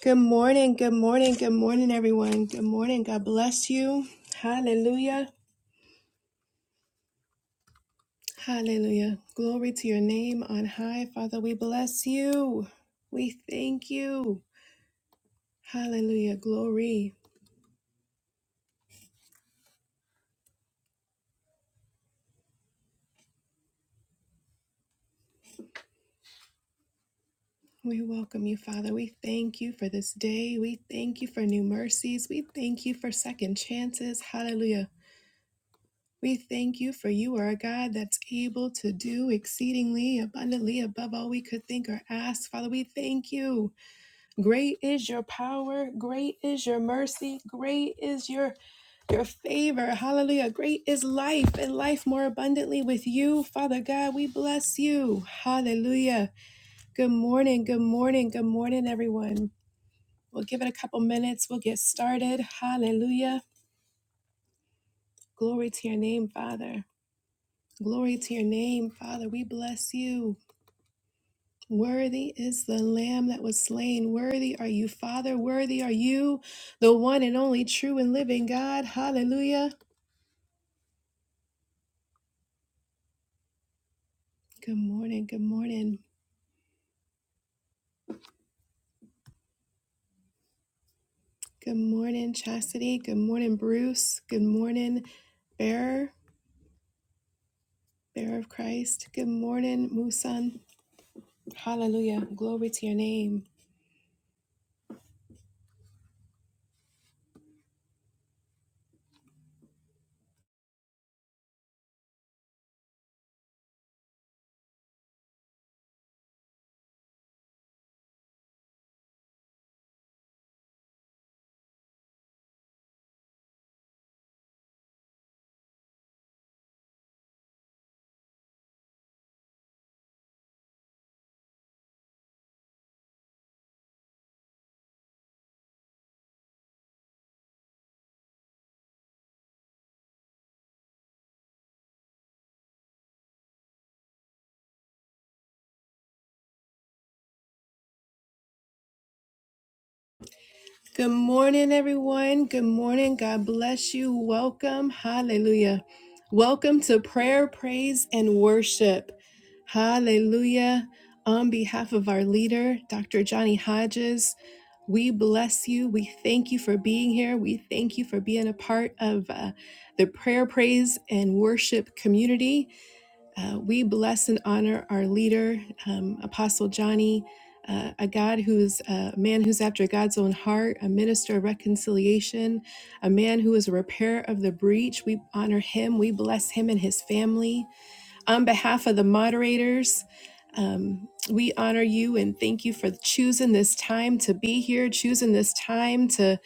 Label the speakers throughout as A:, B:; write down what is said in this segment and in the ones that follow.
A: Good morning, good morning, good morning, everyone. Good morning. God bless you. Hallelujah. Hallelujah. Glory to your name on high. Father, we bless you. We thank you. Hallelujah. Glory. We welcome you, Father. We thank you for this day. We thank you for new mercies. We thank you for second chances. Hallelujah. We thank you for you are a God that's able to do exceedingly abundantly above all we could think or ask. Father, we thank you. Great is your power, great is your mercy, great is your your favor. Hallelujah. Great is life and life more abundantly with you. Father God, we bless you. Hallelujah. Good morning. Good morning. Good morning, everyone. We'll give it a couple minutes. We'll get started. Hallelujah. Glory to your name, Father. Glory to your name, Father. We bless you. Worthy is the Lamb that was slain. Worthy are you, Father. Worthy are you, the one and only true and living God. Hallelujah. Good morning. Good morning. Good morning, Chastity. Good morning, Bruce. Good morning, Bearer, Bearer of Christ. Good morning, Musan. Hallelujah. Glory to your name. Good morning, everyone. Good morning. God bless you. Welcome. Hallelujah. Welcome to prayer, praise, and worship. Hallelujah. On behalf of our leader, Dr. Johnny Hodges, we bless you. We thank you for being here. We thank you for being a part of uh, the prayer, praise, and worship community. Uh, we bless and honor our leader, um, Apostle Johnny, uh, a God who's a man who's after God's own heart, a minister of reconciliation, a man who is a repairer of the breach. We honor him. We bless him and his family. On behalf of the moderators, um, we honor you and thank you for choosing this time to be here, choosing this time to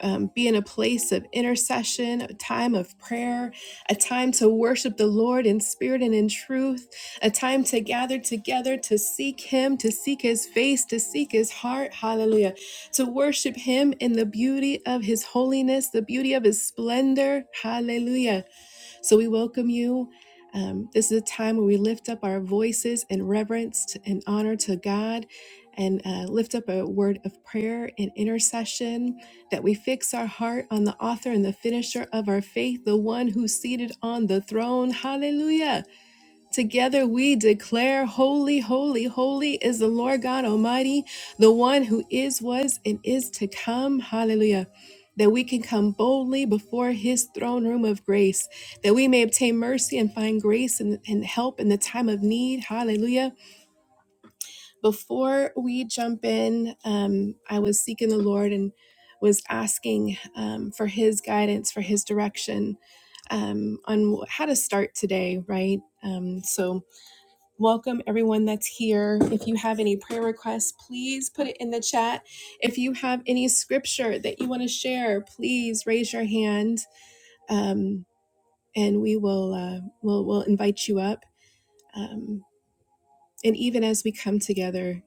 A: um, be in a place of intercession, a time of prayer, a time to worship the Lord in spirit and in truth, a time to gather together to seek Him, to seek His face, to seek His heart. Hallelujah. To worship Him in the beauty of His holiness, the beauty of His splendor. Hallelujah so we welcome you. Um, this is a time where we lift up our voices in reverence and honor to God and uh, lift up a word of prayer and intercession that we fix our heart on the author and the finisher of our faith, the one who's seated on the throne. Hallelujah. Together we declare, Holy, holy, holy is the Lord God Almighty, the one who is, was, and is to come. Hallelujah. That we can come boldly before his throne room of grace, that we may obtain mercy and find grace and, and help in the time of need. Hallelujah. Before we jump in, um, I was seeking the Lord and was asking um, for his guidance, for his direction um, on how to start today, right? Um, so, Welcome everyone that's here. If you have any prayer requests, please put it in the chat. If you have any scripture that you want to share, please raise your hand, um, and we will uh, will will invite you up. Um, and even as we come together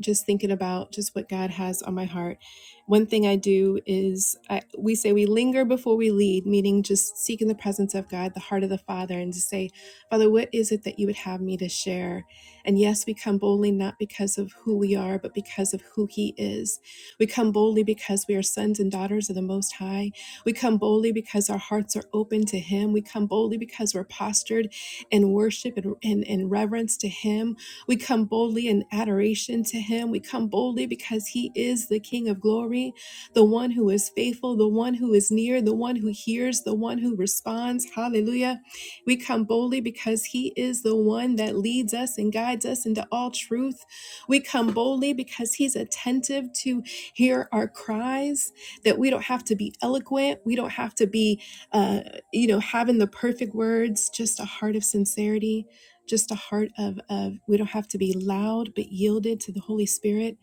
A: just thinking about just what God has on my heart. One thing I do is I, we say we linger before we lead, meaning just seeking the presence of God, the heart of the Father, and to say, Father, what is it that you would have me to share? And yes, we come boldly not because of who we are, but because of who He is. We come boldly because we are sons and daughters of the Most High. We come boldly because our hearts are open to Him. We come boldly because we're postured in worship and, and, and reverence to Him. We come boldly in adoration to him. We come boldly because he is the King of glory, the one who is faithful, the one who is near, the one who hears, the one who responds. Hallelujah. We come boldly because he is the one that leads us and guides us into all truth. We come boldly because he's attentive to hear our cries, that we don't have to be eloquent. We don't have to be, uh, you know, having the perfect words, just a heart of sincerity just a heart of, of we don't have to be loud but yielded to the holy spirit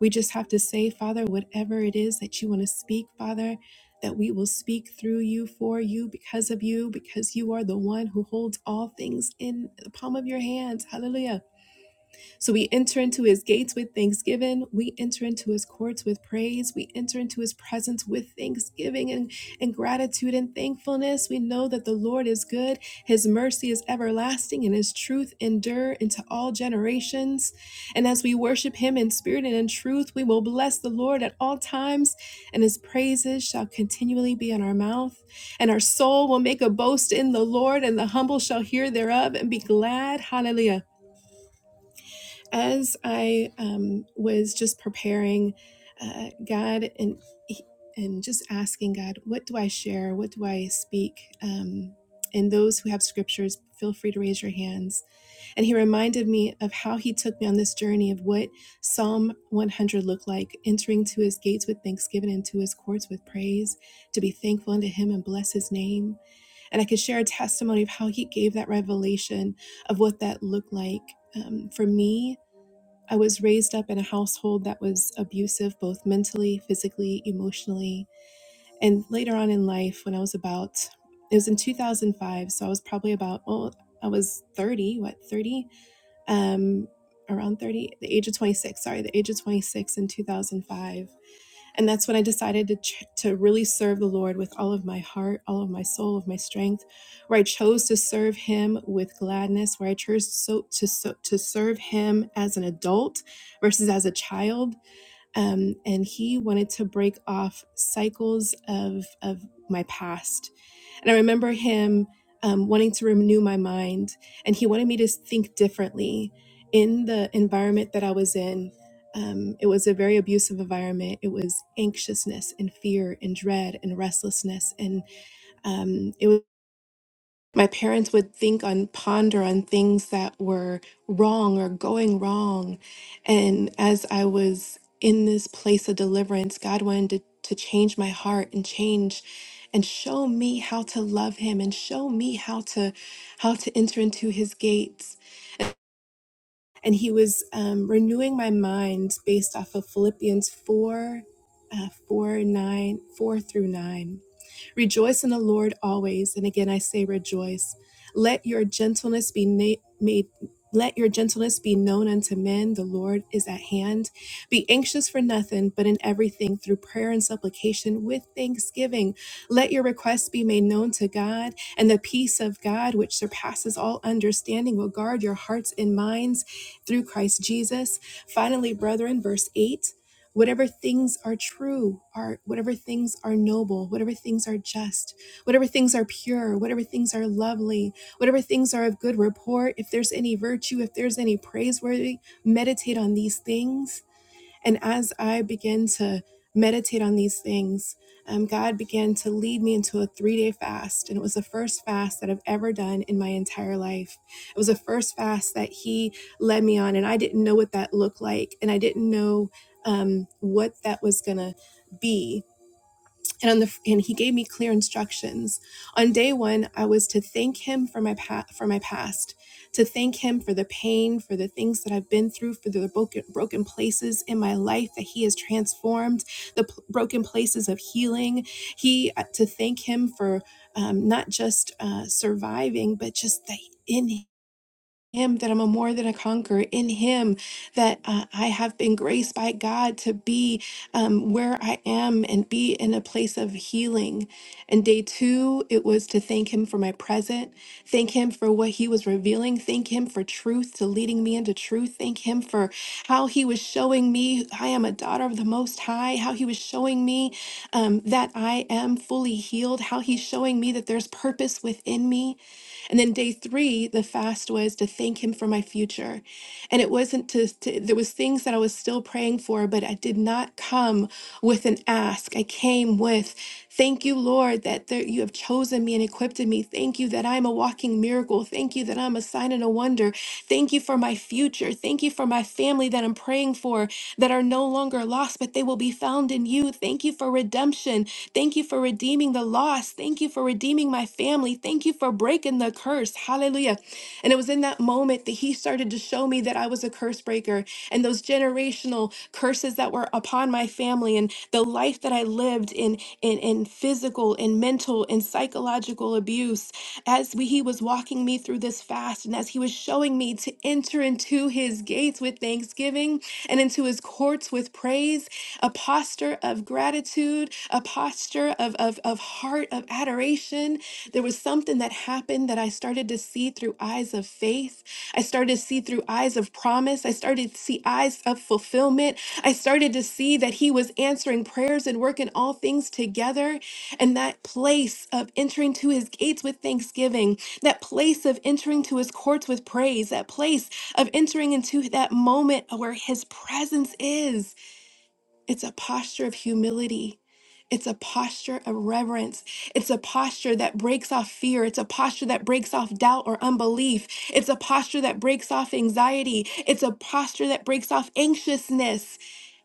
A: we just have to say father whatever it is that you want to speak father that we will speak through you for you because of you because you are the one who holds all things in the palm of your hands hallelujah so we enter into his gates with thanksgiving. We enter into his courts with praise. We enter into his presence with thanksgiving and, and gratitude and thankfulness. We know that the Lord is good. His mercy is everlasting and his truth endure into all generations. And as we worship him in spirit and in truth, we will bless the Lord at all times and his praises shall continually be in our mouth. And our soul will make a boast in the Lord and the humble shall hear thereof and be glad. Hallelujah as I um, was just preparing, uh, God and and just asking God, what do I share? What do I speak? Um, and those who have scriptures, feel free to raise your hands. And He reminded me of how He took me on this journey of what Psalm 100 looked like, entering to His gates with thanksgiving and to His courts with praise, to be thankful unto Him and bless His name. And I could share a testimony of how He gave that revelation of what that looked like um, for me I was raised up in a household that was abusive, both mentally, physically, emotionally. And later on in life, when I was about, it was in 2005, so I was probably about, well, I was 30, what, 30? Um, around 30, the age of 26, sorry, the age of 26 in 2005 and that's when I decided to, ch- to really serve the Lord with all of my heart, all of my soul, of my strength, where I chose to serve Him with gladness, where I chose so, to, so, to serve Him as an adult versus as a child. Um, and He wanted to break off cycles of, of my past and I remember him um, wanting to renew my mind, and he wanted me to think differently in the environment that I was in. Um, it was a very abusive environment. It was anxiousness and fear and dread and restlessness, and um, it was my parents would think on ponder on things that were wrong or going wrong and as i was in this place of deliverance god wanted to, to change my heart and change and show me how to love him and show me how to how to enter into his gates and he was um, renewing my mind based off of philippians 4 uh, 4 nine, four through 9 Rejoice in the Lord always. And again, I say rejoice. Let your gentleness be na- made. Let your gentleness be known unto men. The Lord is at hand. Be anxious for nothing, but in everything through prayer and supplication with thanksgiving. Let your requests be made known to God, and the peace of God, which surpasses all understanding, will guard your hearts and minds through Christ Jesus. Finally, brethren, verse 8 whatever things are true, are whatever things are noble, whatever things are just, whatever things are pure, whatever things are lovely, whatever things are of good report, if there's any virtue, if there's any praiseworthy, meditate on these things and as I began to meditate on these things, um, God began to lead me into a three day fast. And it was the first fast that I've ever done in my entire life. It was the first fast that He led me on. And I didn't know what that looked like. And I didn't know um, what that was going to be and on the and he gave me clear instructions on day one i was to thank him for my pa- for my past to thank him for the pain for the things that i've been through for the broken broken places in my life that he has transformed the p- broken places of healing he uh, to thank him for um, not just uh, surviving but just that in him that I'm a more than a conqueror, in him that uh, I have been graced by God to be um, where I am and be in a place of healing. And day two, it was to thank him for my present, thank him for what he was revealing, thank him for truth, to leading me into truth, thank him for how he was showing me I am a daughter of the Most High, how he was showing me um, that I am fully healed, how he's showing me that there's purpose within me and then day three, the fast was to thank him for my future. And it wasn't to, to there was things that I was still praying for, but I did not come with an ask. I came with, thank you, Lord, that there, you have chosen me and equipped me. Thank you that I'm a walking miracle. Thank you that I'm a sign and a wonder. Thank you for my future. Thank you for my family that I'm praying for that are no longer lost, but they will be found in you. Thank you for redemption. Thank you for redeeming the loss. Thank you for redeeming my family. Thank you for breaking the curse. Hallelujah. And it was in that moment that he started to show me that I was a curse breaker and those generational curses that were upon my family and the life that I lived in in, in physical and mental and psychological abuse. As we, he was walking me through this fast and as he was showing me to enter into his gates with thanksgiving and into his courts with praise a posture of gratitude, a posture of, of, of heart of adoration. There was something that happened that I started to see through eyes of faith. I started to see through eyes of promise. I started to see eyes of fulfillment. I started to see that He was answering prayers and working all things together. And that place of entering to His gates with thanksgiving, that place of entering to His courts with praise, that place of entering into that moment where His presence is. It's a posture of humility. It's a posture of reverence. It's a posture that breaks off fear. It's a posture that breaks off doubt or unbelief. It's a posture that breaks off anxiety. It's a posture that breaks off anxiousness.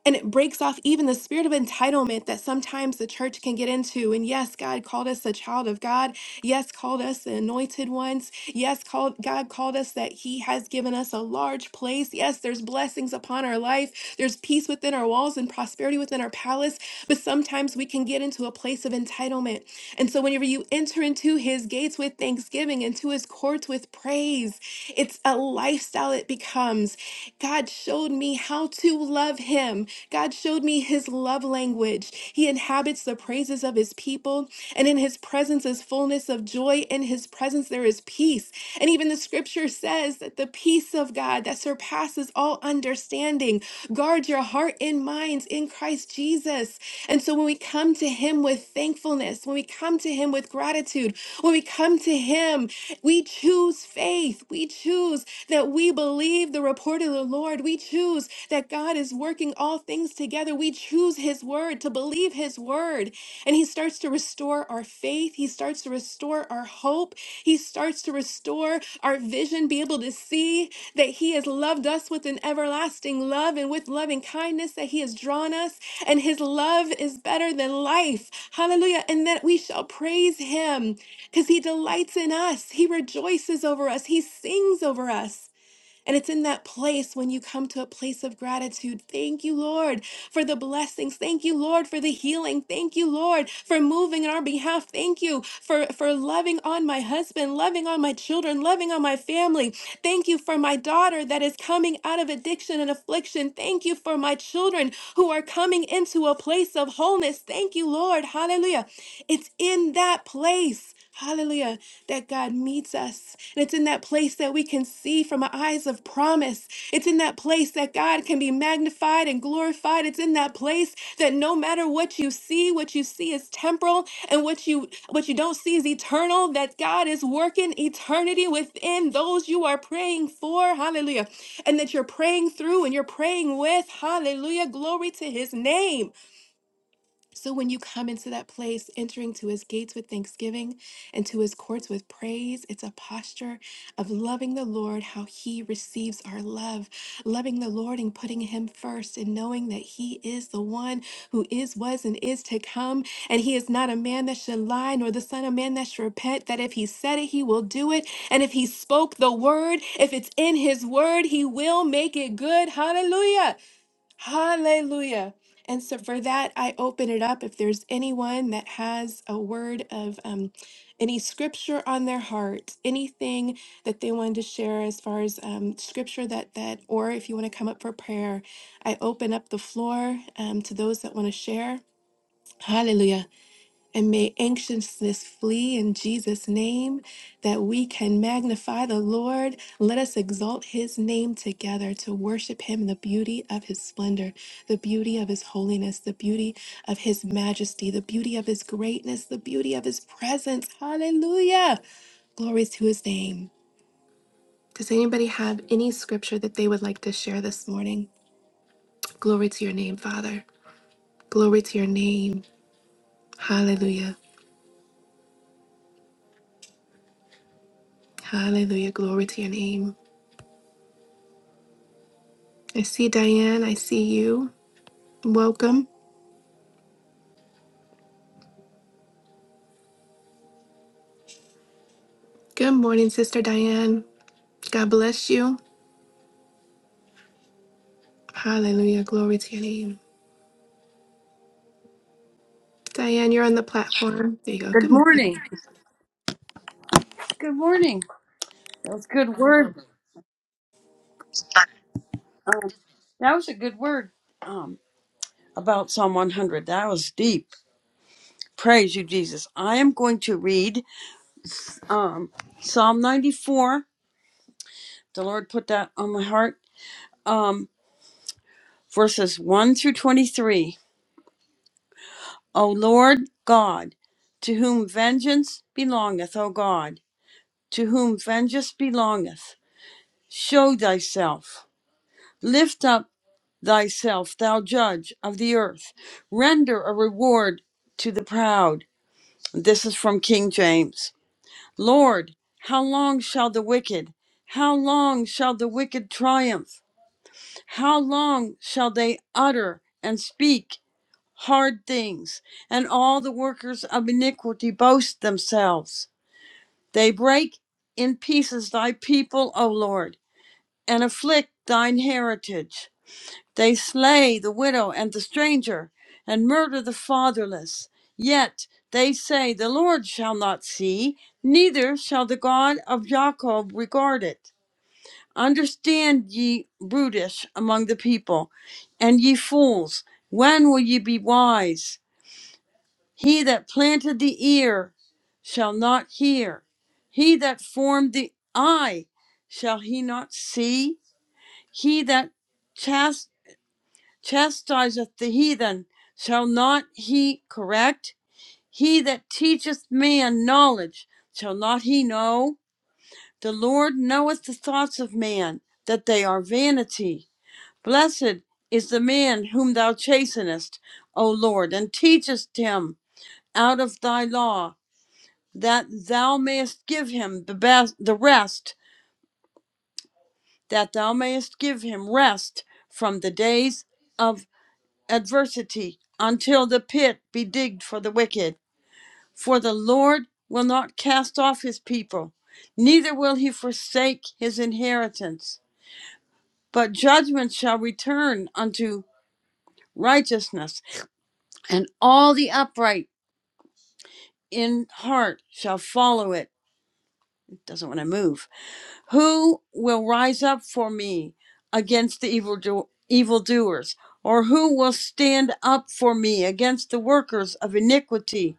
A: And it breaks off even the spirit of entitlement that sometimes the church can get into. And yes, God called us a child of God. Yes, called us the anointed ones. Yes, called God called us that He has given us a large place. Yes, there's blessings upon our life. There's peace within our walls and prosperity within our palace. But sometimes we can get into a place of entitlement. And so whenever you enter into his gates with thanksgiving and to his courts with praise, it's a lifestyle it becomes. God showed me how to love him. God showed me his love language. He inhabits the praises of his people, and in his presence is fullness of joy. In his presence there is peace. And even the scripture says that the peace of God that surpasses all understanding, guard your heart and minds in Christ Jesus. And so when we come to him with thankfulness, when we come to him with gratitude, when we come to him we choose faith. We choose that we believe the report of the Lord. We choose that God is working all things together. We choose His word to believe His word. And He starts to restore our faith. He starts to restore our hope. He starts to restore our vision, be able to see that He has loved us with an everlasting love and with loving kindness that He has drawn us. And His love is better than life. Hallelujah. And that we shall praise Him because he delights in us. He rejoices over us. He sings over us. And it's in that place when you come to a place of gratitude. Thank you, Lord, for the blessings. Thank you, Lord, for the healing. Thank you, Lord, for moving on our behalf. Thank you for, for loving on my husband, loving on my children, loving on my family. Thank you for my daughter that is coming out of addiction and affliction. Thank you for my children who are coming into a place of wholeness. Thank you, Lord. Hallelujah. It's in that place, hallelujah, that God meets us. And it's in that place that we can see from eyes of promise. It's in that place that God can be magnified and glorified. It's in that place that no matter what you see, what you see is temporal and what you what you don't see is eternal, that God is working eternity within those you are praying for. Hallelujah. And that you're praying through and you're praying with. Hallelujah. Glory to his name. So when you come into that place, entering to his gates with thanksgiving and to his courts with praise, it's a posture of loving the Lord, how he receives our love, loving the Lord and putting him first and knowing that he is the one who is, was, and is to come. And he is not a man that should lie, nor the son of man that should repent, that if he said it, he will do it. And if he spoke the word, if it's in his word, he will make it good. Hallelujah. Hallelujah. And so for that, I open it up. If there's anyone that has a word of um, any scripture on their heart, anything that they wanted to share as far as um, scripture that that, or if you want to come up for prayer, I open up the floor um, to those that want to share. Hallelujah. And may anxiousness flee in Jesus' name, that we can magnify the Lord. Let us exalt his name together to worship him in the beauty of his splendor, the beauty of his holiness, the beauty of his majesty, the beauty of his greatness, the beauty of his presence. Hallelujah. Glory to his name. Does anybody have any scripture that they would like to share this morning? Glory to your name, Father. Glory to your name. Hallelujah. Hallelujah. Glory to your name. I see Diane. I see you. Welcome. Good morning, Sister Diane. God bless you. Hallelujah. Glory to your name. Diane, you're on the platform. There you go. Good
B: Good
A: morning.
B: morning. Good morning. That was a good word. Um, that was a good word um, about Psalm 100. That was deep. Praise you, Jesus. I am going to read um, Psalm 94. The Lord put that on my heart. Um, verses 1 through 23. O Lord God, to whom vengeance belongeth, O God, to whom vengeance belongeth, show thyself. Lift up thyself, thou judge of the earth. Render a reward to the proud. This is from King James. Lord, how long shall the wicked, how long shall the wicked triumph? How long shall they utter and speak hard things, and all the workers of iniquity boast themselves? They break in pieces thy people, O Lord, and afflict thine heritage. They slay the widow and the stranger, and murder the fatherless. Yet they say, The Lord shall not see, neither shall the God of Jacob regard it. Understand, ye brutish among the people, and ye fools, when will ye be wise? He that planted the ear shall not hear, he that formed the eye shall he not see, he that chastised chastiseth the heathen, shall not he correct? He that teacheth man knowledge, shall not he know? The Lord knoweth the thoughts of man, that they are vanity. Blessed is the man whom thou chastenest, O Lord, and teachest him out of thy law, that thou mayest give him the best the rest, that thou mayest give him rest from the days of. adversity until the pit be digged for the wicked. For the Lord will not cast off his people, neither will he forsake his inheritance. But judgment shall return unto righteousness, and all the upright in heart shall follow it. It doesn't want to move. Who will rise up for me against the evil evildoers? Or who will stand up for me against the workers of iniquity?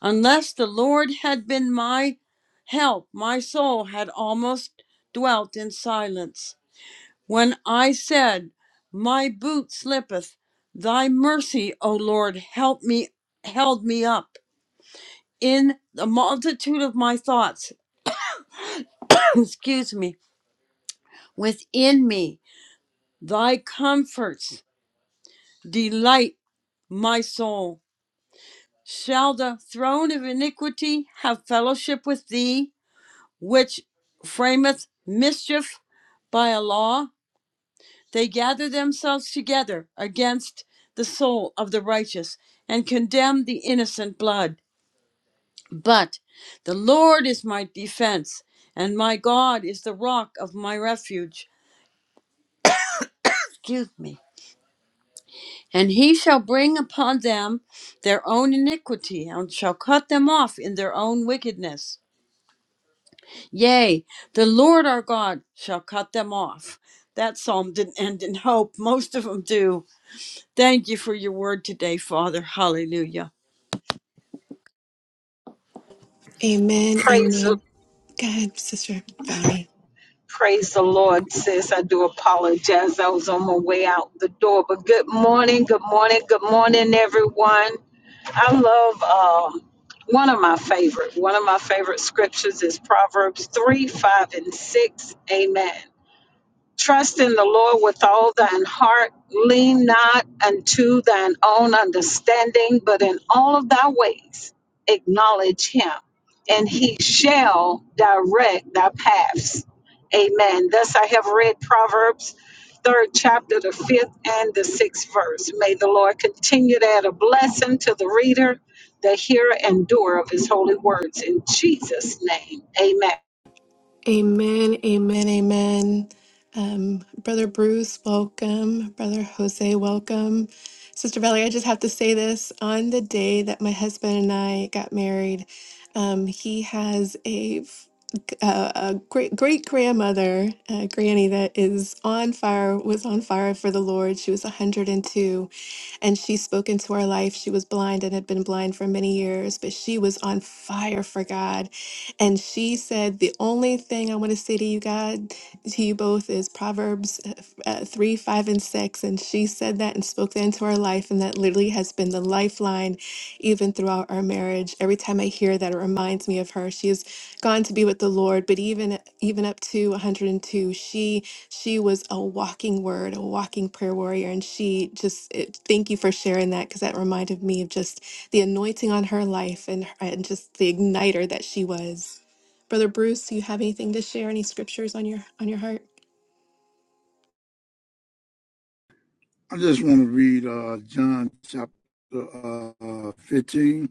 B: Unless the Lord had been my help, my soul had almost dwelt in silence. When I said, My boot slippeth, thy mercy, O Lord, help me, held me up. In the multitude of my thoughts, excuse me, within me, thy comforts delight my soul. Shall the throne of iniquity have fellowship with thee? which frameth mischief by a law, they gather themselves together against the soul of the righteous and condemn the innocent blood. But the Lord is my defense, and my God is the rock of my refuge. Excuse me. And he shall bring upon them their own iniquity, and shall cut them off in their own wickedness. Yea, the Lord our God shall cut them off. That psalm didn't end in hope. Most of them do. Thank you for your word today, Father. Hallelujah.
A: Amen.
C: Praise the
A: Amen. Go ahead, Sister Valerie.
C: praise the Lord, sis. I do apologize. I was on my way out the door. But good morning, good morning, good morning, everyone. I love um one of my favorite, one of my favorite scriptures is Proverbs 3, 5, and 6. Amen. Trust in the Lord with all thine heart. Lean not unto thine own understanding, but in all of thy ways acknowledge him, and he shall direct thy paths. Amen. Thus I have read Proverbs, third chapter, the fifth and the sixth verse. May the Lord continue to add a blessing to the reader, the hearer, and doer of his holy words. In Jesus' name, amen.
A: Amen, amen, amen. Um, Brother Bruce, welcome. Brother Jose, welcome. Sister Valerie, I just have to say this. On the day that my husband and I got married, um, he has a, f- a, a great great grandmother, a granny that is on fire, was on fire for the Lord. She was 102 and she spoke into our life. She was blind and had been blind for many years, but she was on fire for God. And she said, The only thing I want to say to you, God, to you both is Proverbs uh, f- uh, 3, 5, and 6. And she said that and spoke that into our life. And that literally has been the lifeline even throughout our marriage. Every time I hear that, it reminds me of her. She has gone to be with the Lord, but even even up to 102, she she was a walking word, a walking prayer warrior. And she just it, thank you for sharing that because that reminded me of just the anointing on her life and, and just the igniter that she was. Brother Bruce, do you have anything to share? Any scriptures on your on your heart?
D: I just want to read uh, John chapter uh, 15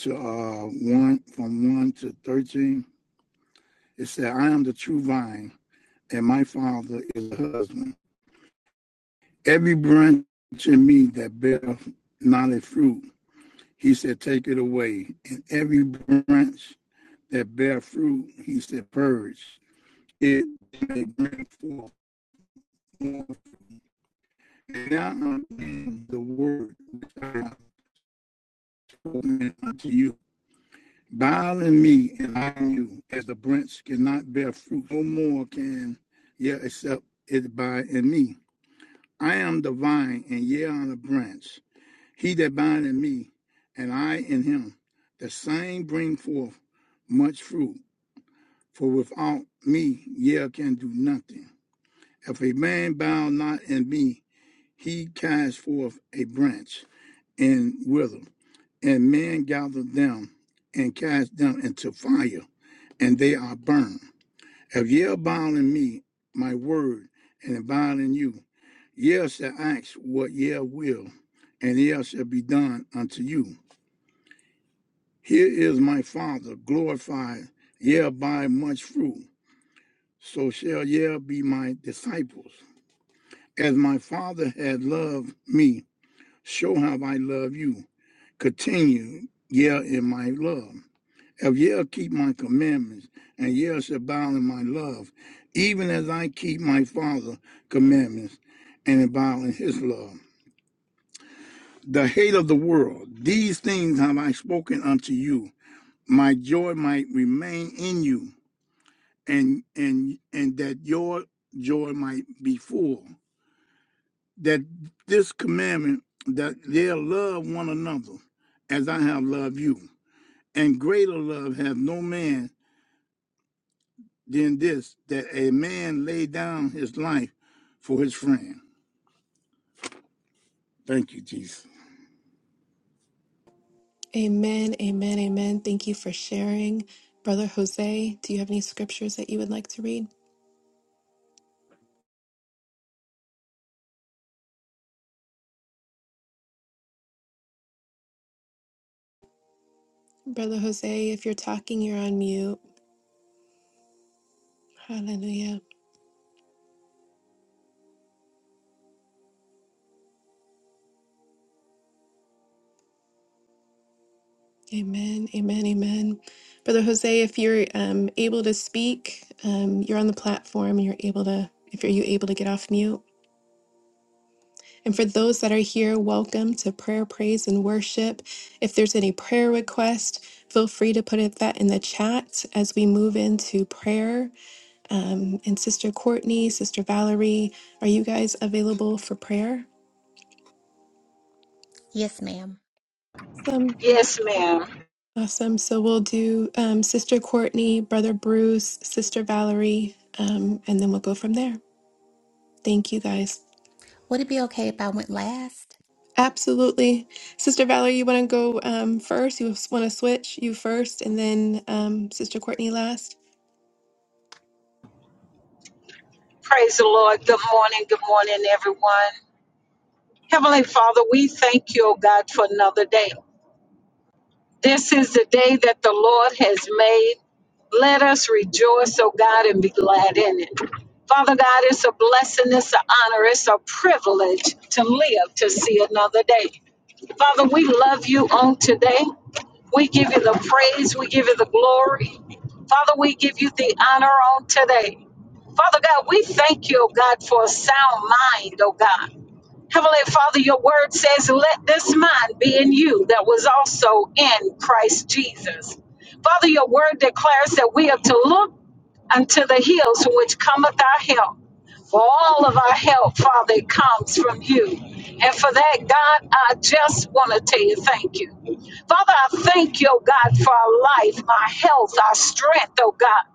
D: to uh, 1, from 1 to 13. It said, I am the true vine, and my father is the husband. Every branch in me that beareth not a fruit, he said, take it away. And every branch that bear fruit, he said, purge it. May bring forth more. And now I'm the word which I have spoken unto you Bile in me and I in you, as the branch cannot bear fruit, no more can ye except it abide in me. I am the vine, and ye are the branch. He that abide in me, and I in him, the same bring forth much fruit. For without me ye can do nothing. If a man bow not in me, he cast forth a branch and wither, and men gather them and cast them into fire, and they are burned. If ye abide in me, my word, and abide in you, ye shall ask what ye will, and ye shall be done unto you. Here is my Father glorified, ye by much fruit, so shall ye be my disciples. As my Father had loved me, so have I loved you. Continue, ye in my love. If ye keep my commandments, and ye shall abound in my love, even as I keep my Father's commandments and abound in his love. The hate of the world, these things have I spoken unto you, my joy might remain in you, and and and that your joy might be full. That this commandment that they love one another as I have loved you. And greater love hath no man than this that a man lay down his life for his friend. Thank you, Jesus.
A: Amen, amen, amen. Thank you for sharing. Brother Jose, do you have any scriptures that you would like to read? Brother Jose, if you're talking, you're on mute. Hallelujah. Amen, amen, amen. Brother Jose, if you're um, able to speak, um, you're on the platform. You're able to. If are you able to get off mute? And for those that are here, welcome to prayer, praise, and worship. If there's any prayer request, feel free to put it that in the chat as we move into prayer. Um, and Sister Courtney, Sister Valerie, are you guys available for prayer?
E: Yes, ma'am.
A: Awesome.
C: Yes, ma'am.
A: Awesome. So we'll do um, Sister Courtney, Brother Bruce, Sister Valerie, um, and then we'll go from there. Thank you guys.
E: Would it be okay if I went last?
A: Absolutely. Sister Valerie, you want to go um, first? You want to switch? You first, and then um, Sister Courtney last?
C: Praise the Lord. Good morning. Good morning, everyone. Heavenly Father, we thank you, O God, for another day. This is the day that the Lord has made. Let us rejoice, O God, and be glad in it. Father God, it's a blessing, it's an honor, it's a privilege to live to see another day. Father, we love you on today. We give you the praise, we give you the glory. Father, we give you the honor on today. Father God, we thank you, oh God, for a sound mind, oh God. Heavenly Father, your word says, let this mind be in you that was also in Christ Jesus. Father, your word declares that we are to look unto the hills from which cometh our help. For all of our help, Father, it comes from you. And for that, God, I just want to tell you thank you. Father, I thank you, oh God, for our life, our health, our strength, oh God.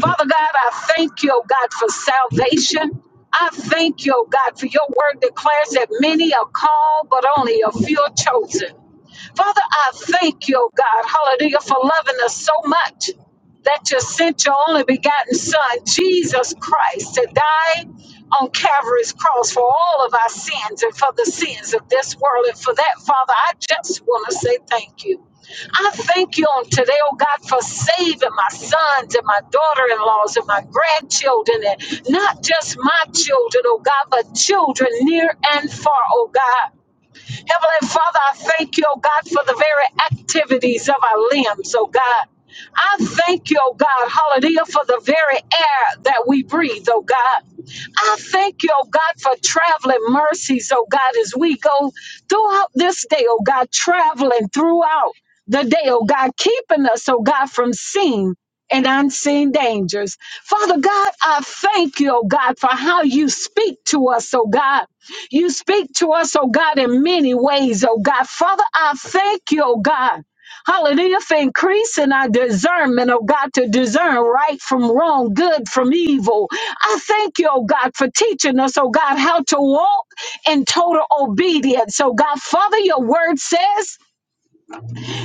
C: Father God, I thank you, oh God, for salvation. I thank you, oh God, for your word declares that many are called, but only a few are chosen. Father, I thank you, oh God, hallelujah, for loving us so much that you sent your only begotten Son, Jesus Christ, to die on Calvary's cross for all of our sins and for the sins of this world. And for that, Father, I just want to say thank you. I thank you on today, oh God, for saving my sons and my daughter in laws and my grandchildren, and not just my children, oh God, but children near and far, oh God. Heavenly Father, I thank you, oh God, for the very activities of our limbs, oh God. I thank you, oh God, hallelujah, for the very air that we breathe, oh God. I thank you, oh God, for traveling mercies, oh God, as we go throughout this day, oh God, traveling throughout the day, oh God, keeping us, oh God, from sin and unseen dangers. Father God, I thank you, oh God, for how you speak to us, oh God. You speak to us, oh God, in many ways, oh God. Father, I thank you, oh God. Hallelujah, for increasing our discernment, oh God, to discern right from wrong, good from evil. I thank you, oh God, for teaching us, oh God, how to walk in total obedience. Oh God, Father, your word says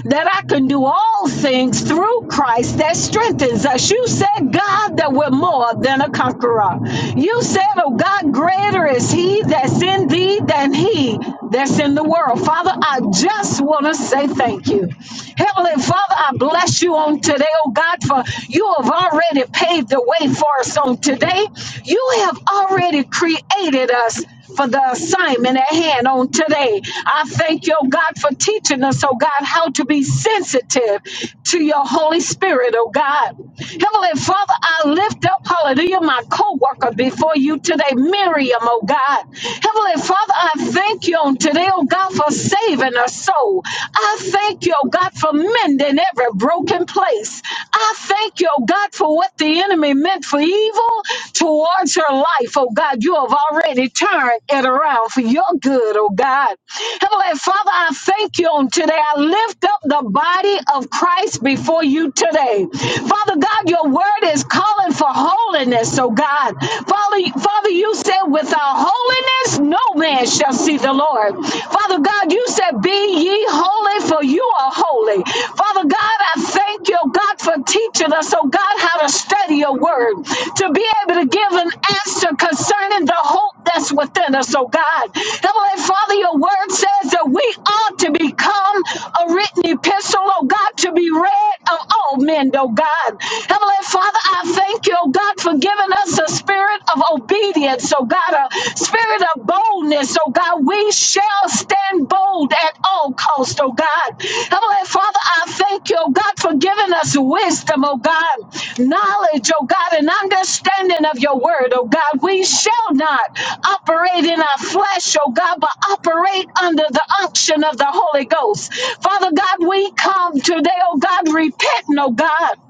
C: that I can do all things through Christ that strengthens us. You said, God, that we're more than a conqueror. You said, oh God, greater is he that's in thee than he that's in the world. Father, I just want to say thank you. Heavenly Father, I bless you on today, oh God, for you have already paved the way for us on today. You have already created us for the assignment at hand on today. I thank you, oh God, for teaching us, oh God, how to be sensitive to your Holy Spirit, oh God. Heavenly Father, I lift up, hallelujah, my co worker before you today, Miriam, oh God. Heavenly Father, I thank you on today, oh God, for saving her soul. I thank you, oh God, for mending every broken place. I thank you, oh God, God, for what the enemy meant for evil towards her life. Oh God, you have already turned it around for your good, oh God. Heavenly Father, I thank you on today. I lift up the body of Christ before you today. Father God, your word is calling for holiness, oh God. Father, Father, you said without holiness, no man shall see the Lord. Father God, you said, Be ye holy, for you are holy. Father God, I thank you, oh God, for teaching us, oh God, how to study your word, to be able to give an answer concerning the hope that's within us, oh God. Heavenly Father, your word says that we are to become a written epistle, oh God, to be read of all men, oh God. Heavenly Father, I thank you, oh God, for giving us a spirit of obedience, oh God, a spirit of boldness, oh God. We shall stand bold at all costs, oh God. Heavenly Father, I thank you, oh God, for giving us wisdom, oh God, knowledge, oh God, and understanding of your word, oh God. We shall not operate in our flesh, oh God, but operate under the unction of the Holy Ghost. Father God, we come today, oh God, repenting, oh God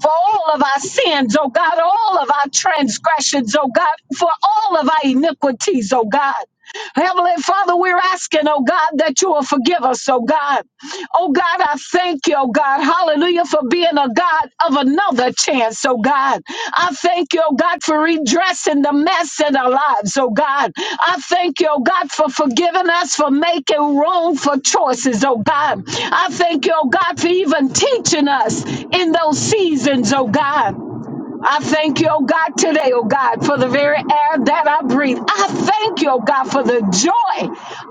C: for all of our sins, oh God, all of our transgressions, oh God, for all of our iniquities, oh God. Heavenly Father, we're asking, oh God, that you will forgive us, oh God. Oh God, I thank you, oh God. Hallelujah for being a God of another chance, oh God. I thank you, oh God, for redressing the mess in our lives, oh God. I thank you, oh God, for forgiving us for making wrong for choices, oh God. I thank you, oh God, for even teaching us in those seasons, oh God. I thank you, oh God, today, oh God, for the very air that I breathe. I thank you, oh God, for the joy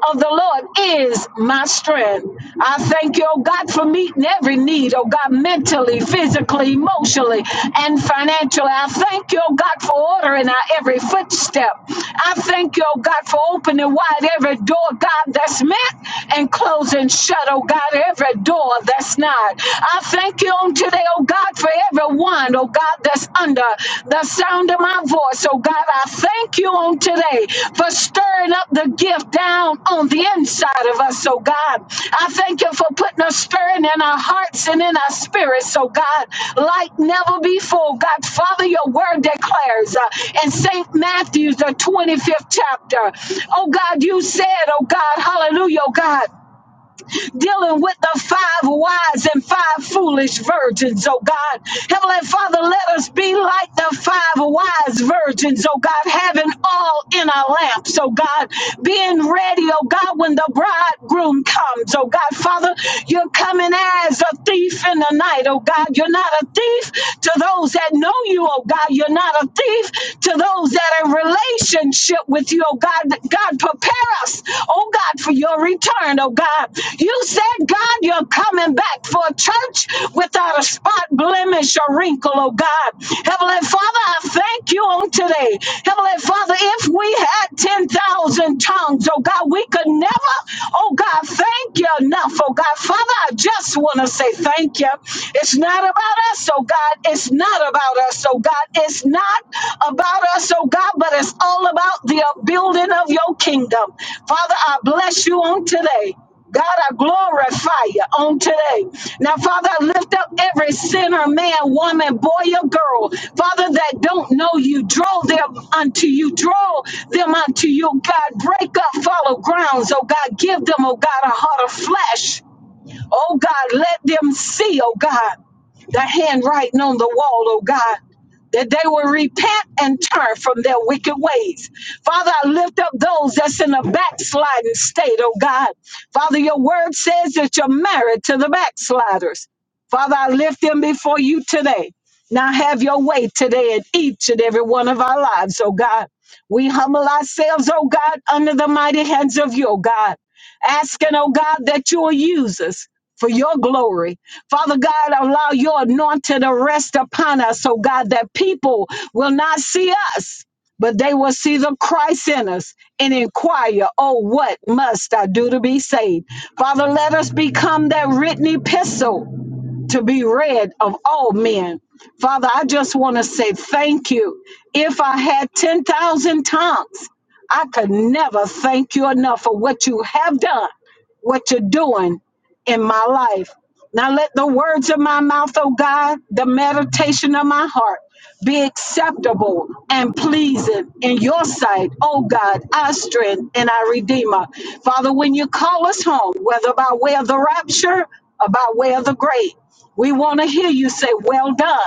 C: of the Lord is my strength. I thank you, oh God, for meeting every need, oh God, mentally, physically, emotionally, and financially. I thank you, oh God, for ordering our every footstep. I thank you, oh God, for opening wide every door, God, that's meant and closing shut, oh God, every door that's not. I thank you on today, oh God, for everyone, oh God, that's under the sound of my voice. Oh God, I thank you on today for stirring up the gift down on the inside of us, oh God. I thank you for putting a stirring in our hearts and in our spirits, oh God, like never before. God, Father, your word declares uh, in St. Matthew's, the 25th chapter. Oh God, you said, oh God, hallelujah, oh God dealing with the five wise and five foolish virgins, oh God. Heavenly Father, let us be like the five wise virgins, oh God, having all in our lamps, oh God, being ready, oh God, when the bridegroom comes, oh God. Father, you're coming as a thief in the night, oh God. You're not a thief to those that know you, oh God. You're not a thief to those that are in relationship with with you, oh God. That God, prepare us, oh God, for your return, oh God. You said, God, you're coming back for a church without a spot, blemish, or wrinkle, oh God. Heavenly Father, I thank you on today. Heavenly Father, if we had 10,000 tongues, oh God, we could never, oh God, thank you enough, oh God. Father, I just want to say thank you. It's not about us, oh God. It's not not about us, oh God. It's not about us, oh God, but it's all about the building of your kingdom. Father, I bless you on today. God, I glorify you on today. Now, Father, I lift up every sinner, man, woman, boy, or girl, Father, that don't know you. Draw them unto you. Draw them unto you, God. Break up fallow grounds, oh God. Give them, oh God, a heart of flesh. Oh God, let them see, oh God, the handwriting on the wall, oh God, that they will repent and turn from their wicked ways. Father, I lift up those that's in a backsliding state, oh God. Father, your word says that you're married to the backsliders. Father, I lift them before you today. Now have your way today in each and every one of our lives, oh God. We humble ourselves, oh God, under the mighty hands of you, oh God asking, oh God, that you will use us. For your glory. Father God, allow your anointing to rest upon us, oh God, that people will not see us, but they will see the Christ in us and inquire, oh, what must I do to be saved? Father, let us become that written epistle to be read of all men. Father, I just want to say thank you. If I had 10,000 tongues, I could never thank you enough for what you have done, what you're doing in my life. Now let the words of my mouth, O God, the meditation of my heart be acceptable and pleasing in your sight, O God, our strength and our redeemer. Father, when you call us home, whether by way of the rapture or by way of the grave, we want to hear you say, Well done,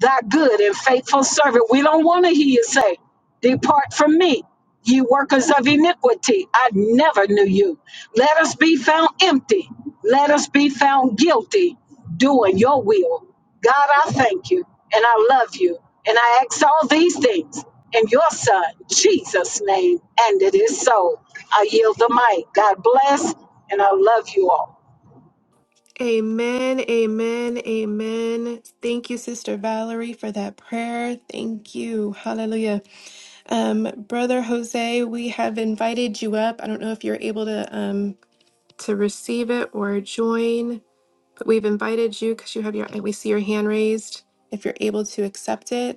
C: thy good and faithful servant. We don't want to hear you say, Depart from me, ye workers of iniquity. I never knew you. Let us be found empty. Let us be found guilty, doing your will. God, I thank you and I love you. And I ask all these things in your son, Jesus' name. And it is so. I yield the mic. God bless, and I love you all.
A: Amen, amen, amen. Thank you, Sister Valerie, for that prayer. Thank you. Hallelujah. Um, Brother Jose, we have invited you up. I don't know if you're able to um, to receive it or join, but we've invited you because you have your, we see your hand raised. If you're able to accept it,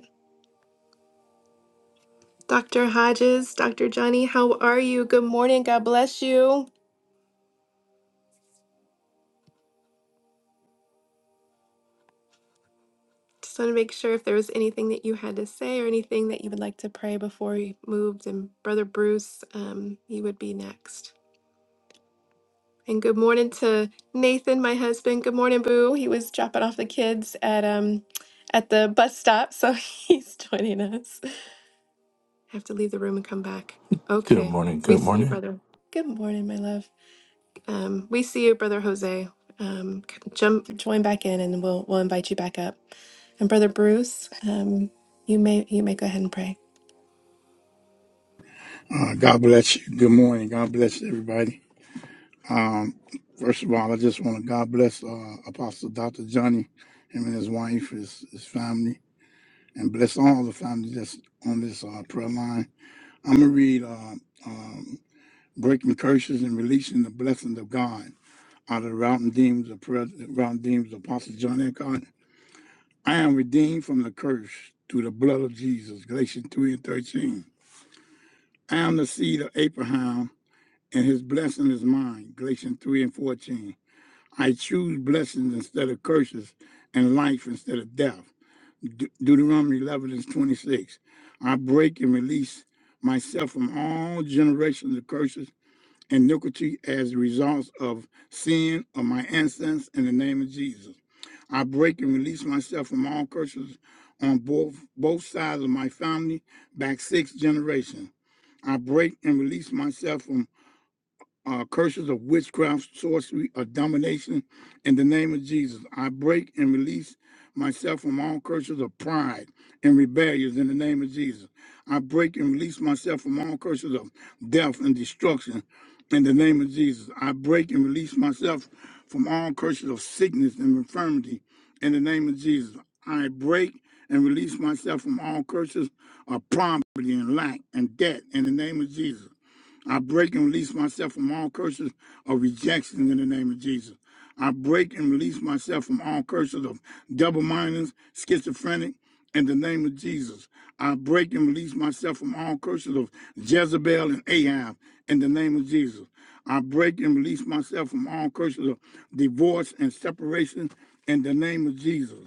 A: Dr. Hodges, Dr. Johnny, how are you? Good morning. God bless you. Just want to make sure if there was anything that you had to say or anything that you would like to pray before we moved. And Brother Bruce, um, he would be next. And good morning to Nathan, my husband. Good morning, Boo. He was dropping off the kids at um at the bus stop, so he's joining us. I have to leave the room and come back.
F: Good
A: Okay.
F: morning,
A: We
F: good
A: see you,
F: morning.
A: brother. Good morning, my love. Um, we see you, Brother Jose. Um, jump, join back in, and we'll we'll invite you back up. And Brother Bruce, um, you may you may go ahead and pray.
D: Uh, God bless you. Good morning. God bless everybody. Um, first of all, I just want to God bless uh, Apostle Dr. Johnny, him and his wife, his, his family, and bless all the families that's on this uh, prayer line. I'm going to read uh, um, Breaking Curses and Releasing the Blessings of God out of the Route and Deems of Prayer, Route and Deems of Apostle John Eckhart. I am redeemed from the curse through the blood of Jesus. Galatians 3 and 13. I am the seed of Abraham, and his blessing is mine. Galatians 3 and 14. I choose blessings instead of curses, and life instead of death. De- Deuteronomy 11 and 26. I break and release myself from all generations of curses and iniquity as a result of sin of my ancestors in the name of Jesus. I break and release myself from all curses on both both sides of my family, back six generations. I break and release myself from uh, curses of witchcraft, sorcery, or domination. In the name of Jesus, I break and release myself from all curses of pride and rebellions. In the name of Jesus, I break and release myself from all curses of death and destruction. In the name of Jesus, I break and release myself from all curses of sickness and infirmity. In the name of Jesus, I break and release myself from all curses of poverty and lack and debt. In the name of Jesus. I break and release myself from all curses of rejection in the name of Jesus. I break and release myself from all curses of double mindedness, schizophrenic, in the name of Jesus. I break and release myself from all curses of Jezebel and Ahab in the name of Jesus. I break and release myself from all curses of divorce and separation in the name of Jesus.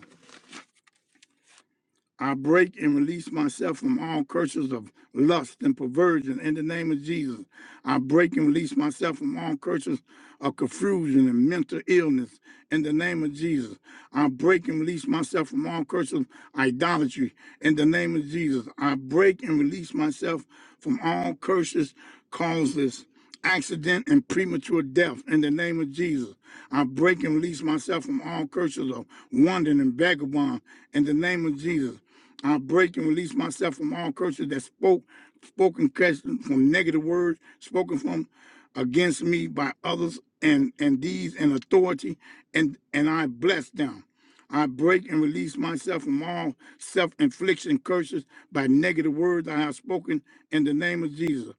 D: I break and release myself from all curses of lust and perversion in the name of Jesus. I break and release myself from all curses of confusion and mental illness in the name of Jesus. I break and release myself from all curses of idolatry in the name of Jesus. I break and release myself from all curses, causes accident, and premature death in the name of Jesus. I break and release myself from all curses of wandering and vagabond in the name of Jesus. I break and release myself from all curses that spoke, spoken curses from negative words, spoken from against me by others and, and these and authority, and, and I bless them. I break and release myself from all self infliction curses by negative words I have spoken in the name of Jesus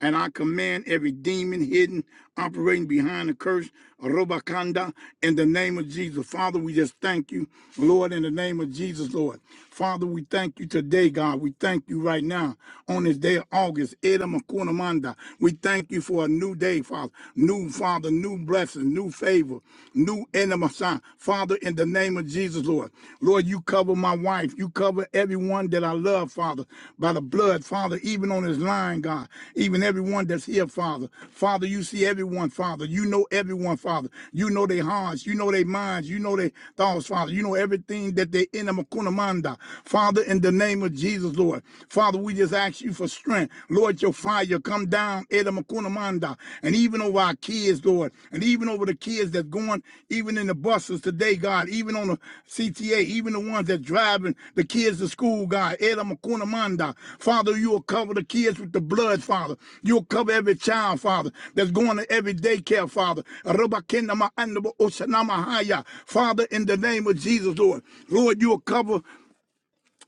D: and I command every demon hidden, operating behind the curse, Robakanda, in the name of Jesus. Father, we just thank you, Lord, in the name of Jesus, Lord. Father, we thank you today, God. We thank you right now on this day of August, Edamakunamanda. We thank you for a new day, Father. New, Father, new blessing, new favor, new enema. Father, in the name of Jesus, Lord. Lord, you cover my wife. You cover everyone that I love, Father, by the blood, Father, even on this line, God, even everyone that's here, Father. Father, you see everyone, Father. You know everyone, Father. You know their hearts. You know their minds. You know their thoughts, Father. You know everything that they in them, Kunamanda. Father, in the name of Jesus, Lord. Father, we just ask you for strength. Lord, your fire come down, Edamakunamanda. Manda, and even over our kids, Lord, and even over the kids that's going, even in the buses today, God, even on the CTA, even the ones that driving the kids to school, God, Eda Manda. Father, you'll cover the kids with the blood, Father. You'll cover every child, Father, that's going to every daycare, Father. Rabakena Ma'anda Bo Osanama Haya. Father, in the name of Jesus, Lord, Lord, you'll cover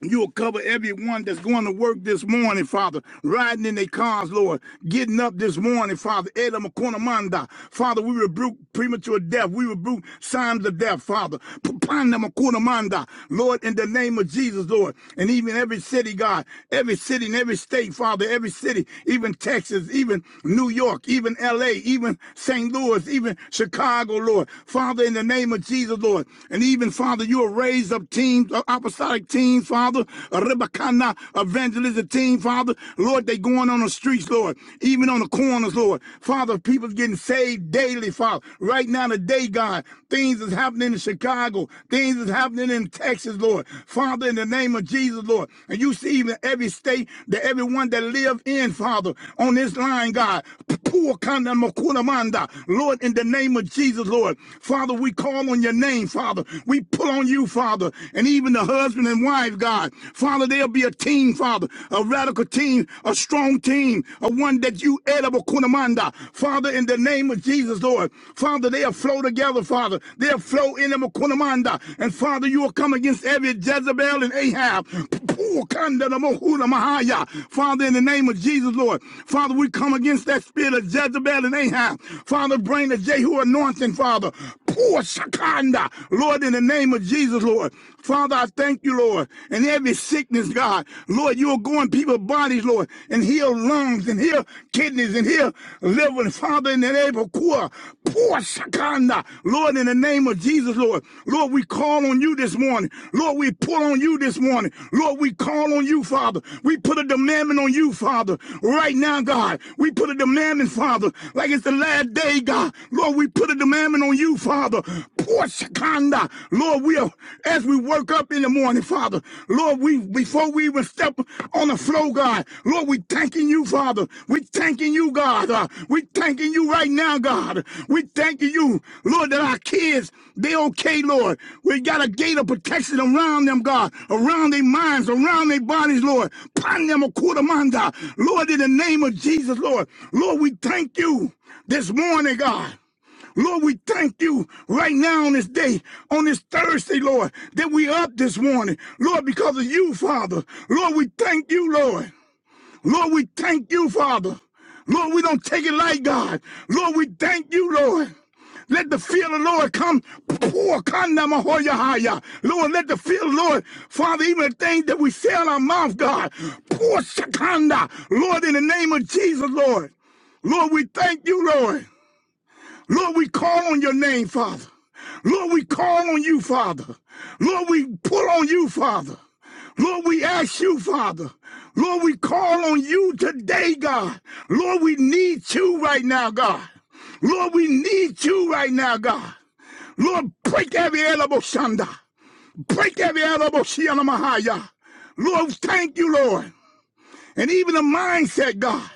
D: You'll cover everyone that's going to work this morning, Father, riding in their cars, Lord, getting up this morning, Father. Ela makonamanda. Father, we rebuke premature death. We rebuke signs of death, Father. Papanda makonamanda. Lord, in the name of Jesus, Lord, and even every city, God, every city and every state, Father, every city, even Texas, even New York, even LA, even St. Louis, even Chicago, Lord. Father, in the name of Jesus, Lord, and even, Father, you will raise up teams uh, apostolic team, Father, a Rebekana evangelism team, Father. Lord, they going on the streets, Lord, even on the corners, Lord. Father, people's getting saved daily, Father. Right now today, God, things is happening in Chicago. Things is happening in Texas, Lord. Father, in the name of Jesus, Lord. And you see even every state that everyone that live in, Father, on this line, God. Pua kanda makuna manda. Lord, in the name of Jesus, Lord, Father, we call on your name, Father. We pull on you, Father, and even the husband and wife, God. Father, there'll be a team, Father, a radical team, a strong team, a one that you edible kunamanda. Father, in the name of Jesus, Lord, Father, they'll flow together, Father. They'll flow in them kunamanda. And Father, you will come against every Jezebel. Jezebel and Ahab. Poo, kanda na mohuna mahaya. Father, in the name of Jesus, Lord. Father, we come against that spirit of Jezebel and Ahab. Father, bring the Jehu anointing, Father. Poor Shakanda. Lord, in the name of Jesus, Lord. Father, I thank you, Lord. in every sickness, God. Lord, you are going people's bodies, Lord, and heal lungs and heal kidneys and heal liver. And Father, in that able poor, poor shakanda. Lord, in the name of Jesus, Lord. Lord, we call on you this morning. Lord, we pull on you this morning. Lord, we call on you, Father. We put a demandment on you, Father. Right now, God. We put a demandment, Father. Like it's the last day, God. Lord, we put a demandment on you, Father. Poor shakanda. Lord, we are, as we work up in the morning, Father. Lord, Lord, we before we even step on the floor, God, Lord, we thanking you, Father. We thanking you, God. Uh, we thanking you right now, God. We thanking you, Lord, that our kids, they okay, Lord. We got a gate of protection around them, God, around their minds, around their bodies, Lord. Pan them a quarter manda. Lord, in the name of Jesus, Lord. Lord, we thank you this morning, God. Lord, we thank you right now on this day, on this Thursday, Lord, that we up this morning. Lord, because of you, Father. Lord, we thank you, Lord. Lord, we thank you, Father. Lord, we don't take it like God. Lord, we thank you, Lord. Let the fear of the Lord come. Pour, Lord, let the fear of the Lord, Father, even the things that we say in our mouth, God. Pour, Lord, in the name of Jesus, Lord. Lord, we thank you, Lord. Lord, we call on your name, Father. Lord, we call on you, Father. Lord, we pull on you, Father. Lord, we ask you, Father. Lord, we call on you today, God. Lord, we need you right now, God. Lord, we need you right now, God. Lord, break every elbow shanda. Break every elbow shiana mahaya. Lord, thank you, Lord and even the mindset, God.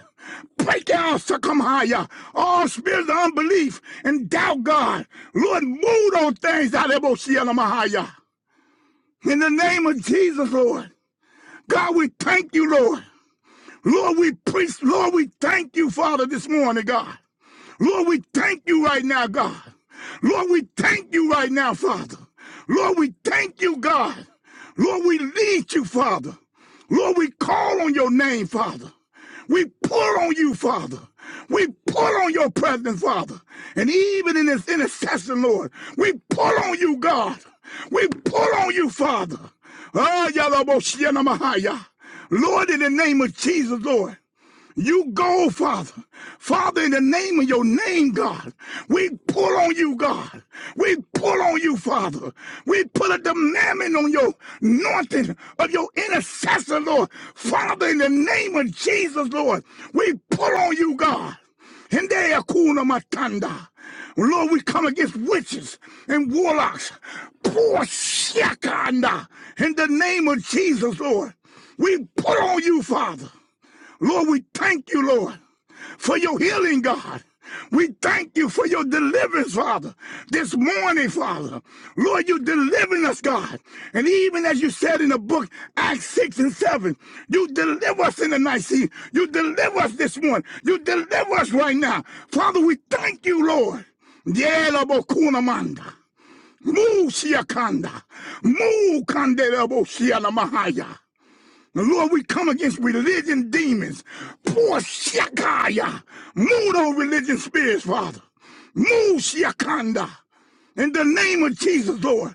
D: Break down Sakamaya, all spirits of unbelief and doubt, God. Lord, move those things out of Mahaya. In the name of Jesus, Lord. God, we thank you, Lord. Lord, we preach. Lord, we thank you, Father, this morning, God. Lord, we thank you right now, God. Lord, we thank you right now, Father. Lord, we thank you, God. Lord, we need you, Father. Lord, we call on your name, Father. We pull on you, Father. We pull on your presence, Father. And even in this intercession, Lord, we pull on you, God. We pull on you, Father. Ah, Yalaboshiana mahaya, Lord, in the name of Jesus, Lord. You go, Father. Father, in the name of your name, God, we pull on you, God. We pull on you, Father. We put a demandment on your anointing of your intercessor, Lord. Father, in the name of Jesus, Lord, we pull on you, God. And they are kuna matanda. Lord, we come against witches and warlocks. Poor shakanda. In the name of Jesus, Lord. We put on you, Father. Lord, we thank you, Lord, for your healing, God. We thank you for your deliverance, Father, this morning, Father. Lord, you are delivering us, God. And even as you said in the book, Acts 6 and 7, you deliver us in the night sea. You deliver us this morning. You deliver us right now. Father, we thank you, Lord. Yela bokuna manda. Mu siakanda. mahaya. Now, Lord, we come against religion demons. Poor Shakaya. Move those religion spirits, Father. Move Shakanda. In the name of Jesus, Lord.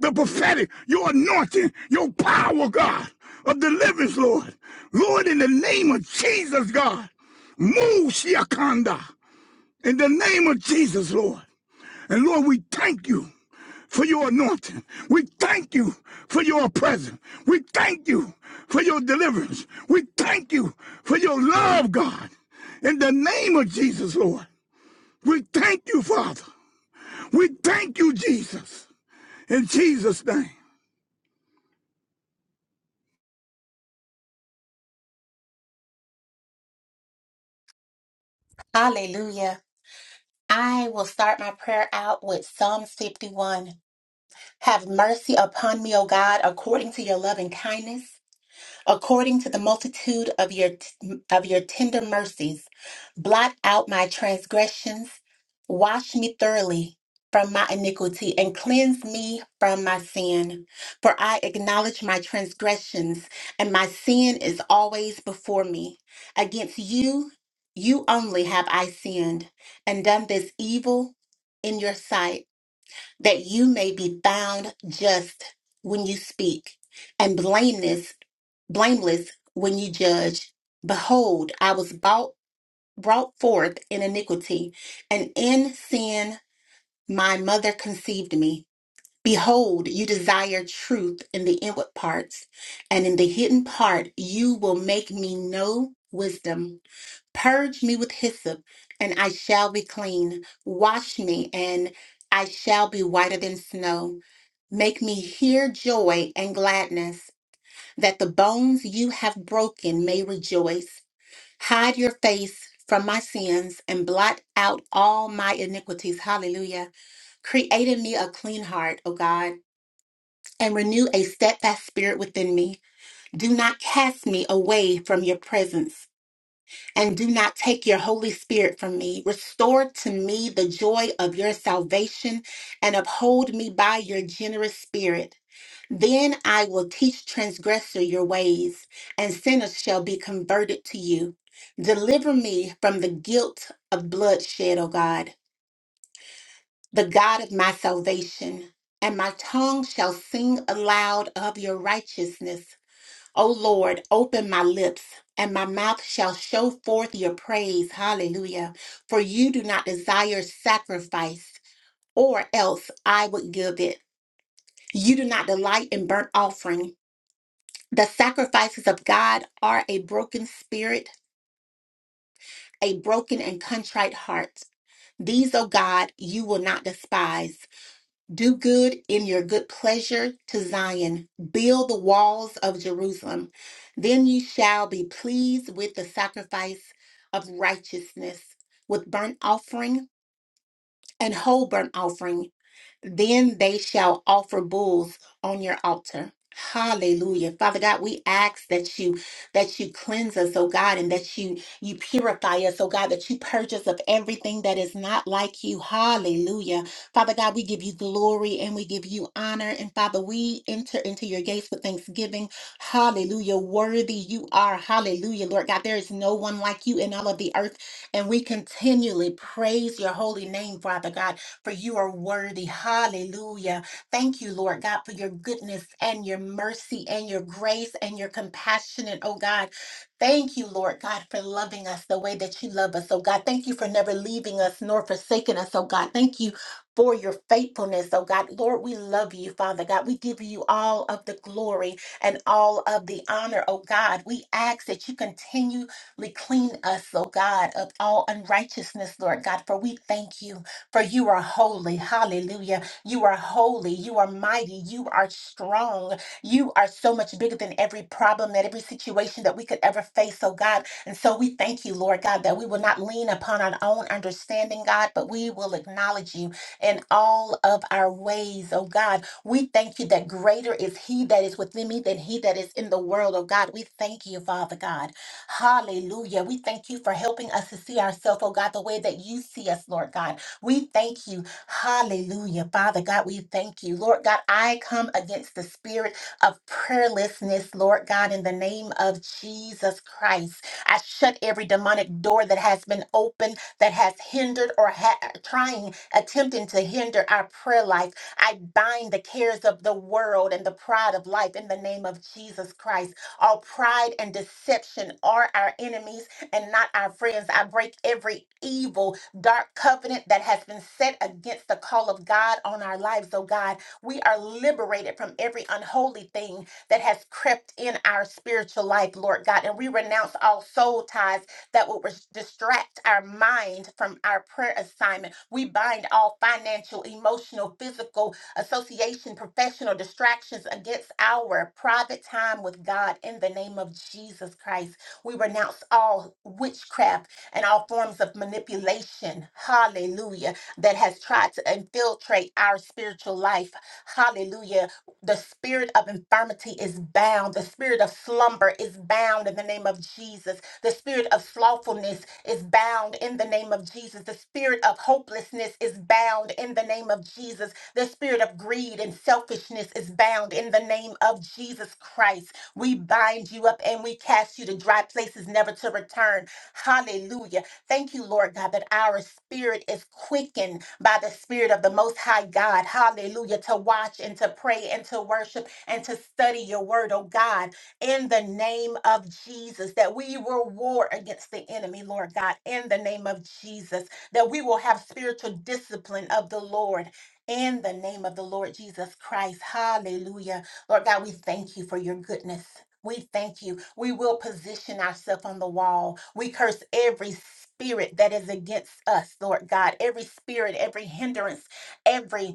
D: The prophetic, your anointing, your power, God, of deliverance, Lord. Lord, in the name of Jesus, God. Move Shakanda. In the name of Jesus, Lord. And Lord, we thank you for your anointing. We thank you for your presence. We thank you for your deliverance. We thank you for your love, God. In the name of Jesus, Lord, we thank you, Father. We thank you, Jesus. In Jesus' name.
E: Hallelujah. I will start my prayer out with Psalms 51. Have mercy upon me, O God, according to your loving kindness. According to the multitude of your of your tender mercies, blot out my transgressions, wash me thoroughly from my iniquity and cleanse me from my sin. For I acknowledge my transgressions, and my sin is always before me. Against you, you only have I sinned and done this evil in your sight that you may be found just when you speak, and blameless, blameless when you judge. Behold, I was bought, brought forth in iniquity, and in sin my mother conceived me. Behold, you desire truth in the inward parts, and in the hidden part you will make me know wisdom. Purge me with hyssop, and I shall be clean. Wash me, and I shall be whiter than snow. Make me hear joy and gladness, that the bones you have broken may rejoice. Hide your face from my sins and blot out all my iniquities. Hallelujah. Create in me a clean heart, O God, and renew a steadfast spirit within me. Do not cast me away from your presence, and do not take your Holy Spirit from me. Restore to me the joy of your salvation, and uphold me by your generous spirit. Then I will teach transgressor your ways, and sinners shall be converted to you. Deliver me from the guilt of bloodshed, O God, the God of my salvation, and my tongue shall sing aloud of your righteousness. O Lord, open my lips, and my mouth shall show forth your praise. Hallelujah. For you do not desire sacrifice, or else I would give it. You do not delight in burnt offerings The sacrifices of God are a broken spirit, a broken and contrite heart. These, O God, you will not despise. Do good in your good pleasure to Zion. Build the walls of Jerusalem. Then you shall be pleased with the sacrifice of righteousness, with burnt offering and whole burnt offering. Then they shall offer bulls on your altar. Hallelujah. Father God, we ask that you that you cleanse us, oh God, and that you you purify us, oh God, that you purge us of everything that is not like you. Hallelujah. Father God, we give you glory and we give you honor. And Father, we enter into your gates with thanksgiving. Hallelujah. Worthy you are. Hallelujah. Lord God, there is no one like you in all of the earth. And we continually praise your holy name, Father God for you are worthy. Hallelujah. Thank you, Lord God, for your goodness and your mercy and your grace and your compassionate, oh God. Thank you, Lord God, for loving us the way that you love us, oh God. Thank you for never leaving us nor forsaking us, oh God. Thank you for your faithfulness, oh God. Lord, we love you, Father God. We give you all of the glory and all of the honor, oh God. We ask that you continually clean us, oh God, of all unrighteousness, Lord God, for we thank you. For you are holy. Hallelujah. You are holy. You are mighty. You are strong. You are so much bigger than every problem, that every situation that we could ever face, oh God. And so we thank you, Lord God, that we will not lean upon our own understanding, God, but we will acknowledge you in all of our ways, oh God. We thank you that greater is he that is within me than he that is in the world, oh God. We thank you, Father God. Hallelujah. We thank you for helping us to see ourselves, oh God, the way that you see us, Lord God. We thank you. Hallelujah. Father God, we thank you. Lord God, I come against the spirit of prayerlessness, Lord God, in the name of Jesus Christ. I shut every demonic door that has been opened, that has hindered or ha- trying, attempting to hinder our prayer life. I bind the cares of the world and the pride of life in the name of Jesus Christ. All pride and deception are our enemies and not our friends. I break every evil, dark covenant that has been set against the call of God on our lives. Oh God, we are liberated from every unholy thing that has crept in our spiritual life, Lord God. And we renounce all soul ties that will res- distract our mind from our prayer assignment. We bind all financial, emotional, physical, association, professional distractions against our private time with God in the name of Jesus Christ. We renounce all witchcraft and all forms of manipulation, hallelujah, that has tried to infiltrate our spiritual life, hallelujah. The spirit of infirmity is bound, the spirit of slumber is bound in the name of Jesus, the spirit of slothfulness is bound in the name of Jesus, the spirit of hopelessness is bound in the name of Jesus, the spirit of greed and selfishness is bound in the name of Jesus Christ. We bind you up and we cast you to dry places, never to return. Hallelujah. Thank you, Lord God, that our spirit is quickened by the spirit of the Most High God. Hallelujah. To watch and to pray and to worship and to study your word, oh God, in the name of Jesus, that we will war against the enemy, Lord God, in the name of Jesus, that we will have spiritual discipline of the Lord. In the name of the Lord Jesus Christ. Hallelujah. Lord God, we thank you for your goodness. We thank you. We will position ourselves on the wall. We curse every spirit that is against us, Lord God, every spirit, every hindrance, every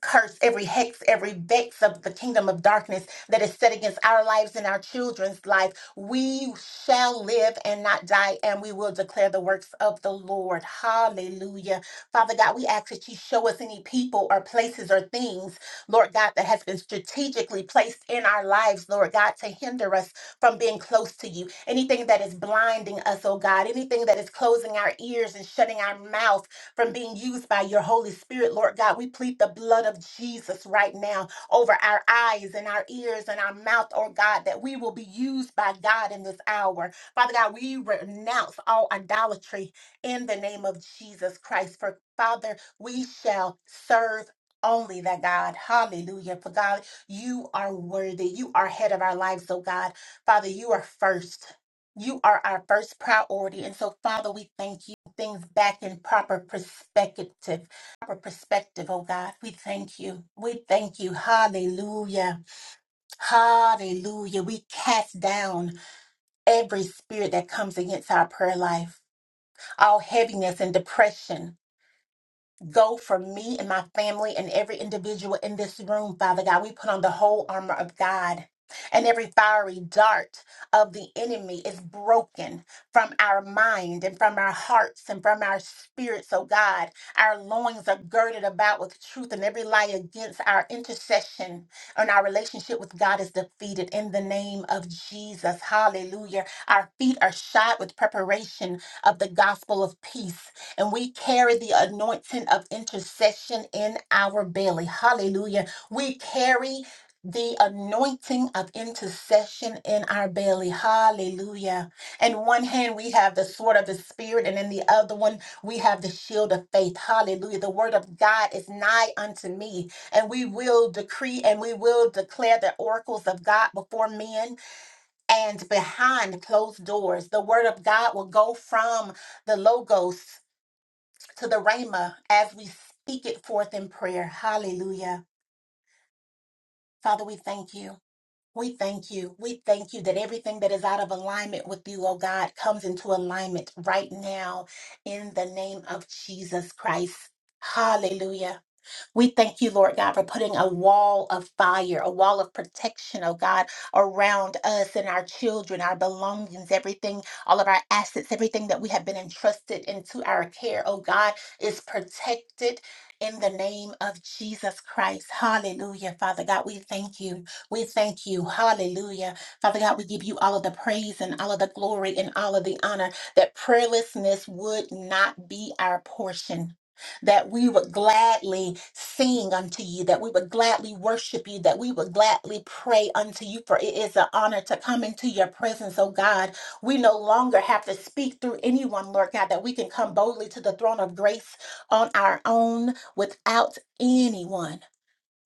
E: curse every hex every vex of the kingdom of darkness that is set against our lives and our children's life we shall live and not die and we will declare the works of the lord hallelujah father god we ask that you show us any people or places or things lord god that has been strategically placed in our lives lord god to hinder us from being close to you anything that is blinding us oh god anything that is closing our ears and shutting our mouth from being used by your Holy Spirit, Lord God. We plead the blood of Jesus right now over our eyes and our ears and our mouth, oh God, that we will be used by God in this hour. Father God, we renounce all idolatry in the name of Jesus Christ. For Father, we shall serve only that God. Hallelujah. For God, you are worthy. You are head of our lives, oh God. Father, you are first. You are our first priority. And so, Father, we thank you. Things back in proper perspective, proper perspective, oh God. We thank you. We thank you. Hallelujah. Hallelujah. We cast down every spirit that comes against our prayer life, all heaviness and depression go for me and my family and every individual in this room, Father God. We put on the whole armor of God. And every fiery dart of the enemy is broken from our mind and from our hearts and from our spirits, oh God. Our loins are girded about with truth, and every lie against our intercession and our relationship with God is defeated in the name of Jesus. Hallelujah. Our feet are shod with preparation of the gospel of peace and we carry the anointing of intercession in our belly. Hallelujah. We carry the anointing of intercession in our belly. Hallelujah. In one hand, we have the sword of the Spirit, and in the other one, we have the shield of faith. Hallelujah. The word of God is nigh unto me, and we will decree and we will declare the oracles of God before men and behind closed doors. The word of God will go from the logos to the Rhema as we speak it forth in prayer. Hallelujah. Father, we thank you. We thank you. We thank you that everything that is out of alignment with you, oh God, comes into alignment right now in the name of Jesus Christ. Hallelujah. We thank you, Lord God, for putting a wall of fire, a wall of protection, oh God, around us and our children, our belongings, everything, all of our assets, everything that we have been entrusted into our care, oh God, is protected. In the name of Jesus Christ. Hallelujah. Father God, we thank you. We thank you. Hallelujah. Father God, we give you all of the praise and all of the glory and all of the honor that prayerlessness would not be our portion that we would gladly sing unto you, that we would gladly worship you, that we would gladly pray unto you, for it is an honor to come into your presence, oh God. We no longer have to speak through anyone, Lord God, that we can come boldly to the throne of grace on our own without anyone.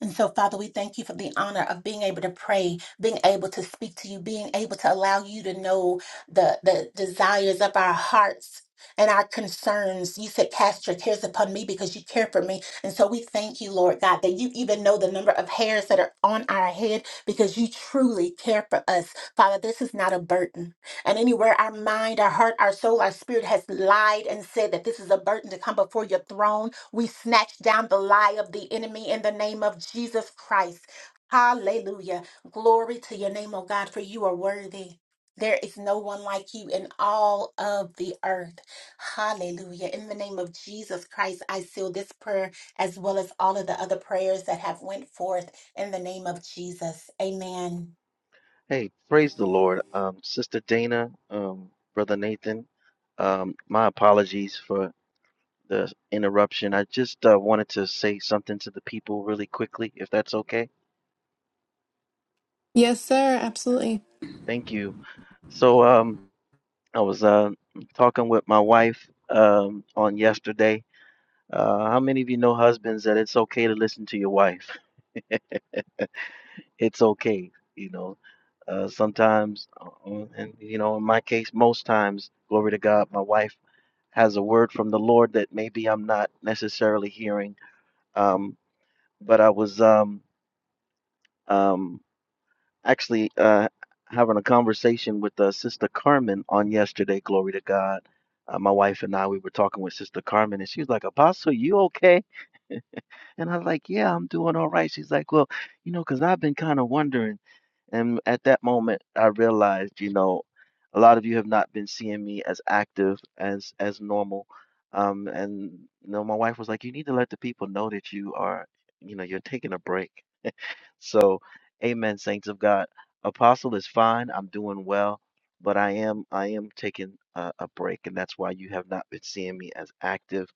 E: And so, Father, we thank you for the honor of being able to pray, being able to speak to you, being able to allow you to know the, the desires of our hearts and our concerns. You said, Cast your cares upon me because you care for me. And so we thank you, Lord God, that you even know the number of hairs that are on our head because you truly care for us. Father, this is not a burden. And anywhere our mind, our heart, our soul, our spirit has lied and said that this is a burden to come before your throne, we snatch down the lie of the enemy in the name of Jesus Christ. Hallelujah. Glory to your name, oh God, for you are worthy. There is no one like you in all of the earth. Hallelujah. In the name of Jesus Christ, I seal this prayer as well as all of the other prayers that have went forth in the name of Jesus. Amen.
G: Hey, praise the Lord. Um, Sister Dana, um, Brother Nathan, um, my apologies for the interruption. I just uh, wanted to say something to the people really quickly, if that's okay.
A: Yes, sir. Absolutely.
G: Thank you. So, um, I was uh, talking with my wife um, on yesterday. Uh, how many of you know husbands that it's okay to listen to your wife? It's okay, you know. Uh, sometimes, uh, uh, and you know, in my case, most times, glory to God, my wife has a word from the Lord that maybe I'm not necessarily hearing. Um, but I was um, um, actually uh, having a conversation with uh, Sister Carmen on yesterday. Glory to God. Uh, my wife and I, we were talking with Sister Carmen, and she was like, "Apostle, you okay?" And I was like, yeah, I'm doing all right. She's like, well, you know, because I've been kind of wondering. And at that moment, I realized, you know, a lot of you have not been seeing me as active as as normal. Um, and you know, my wife was like, you need to let the people know that you are, you know, you're taking a break. So, amen, saints of God. Apostle is fine. I'm doing well, but I am I am taking a, a break, and that's why you have not been seeing me as active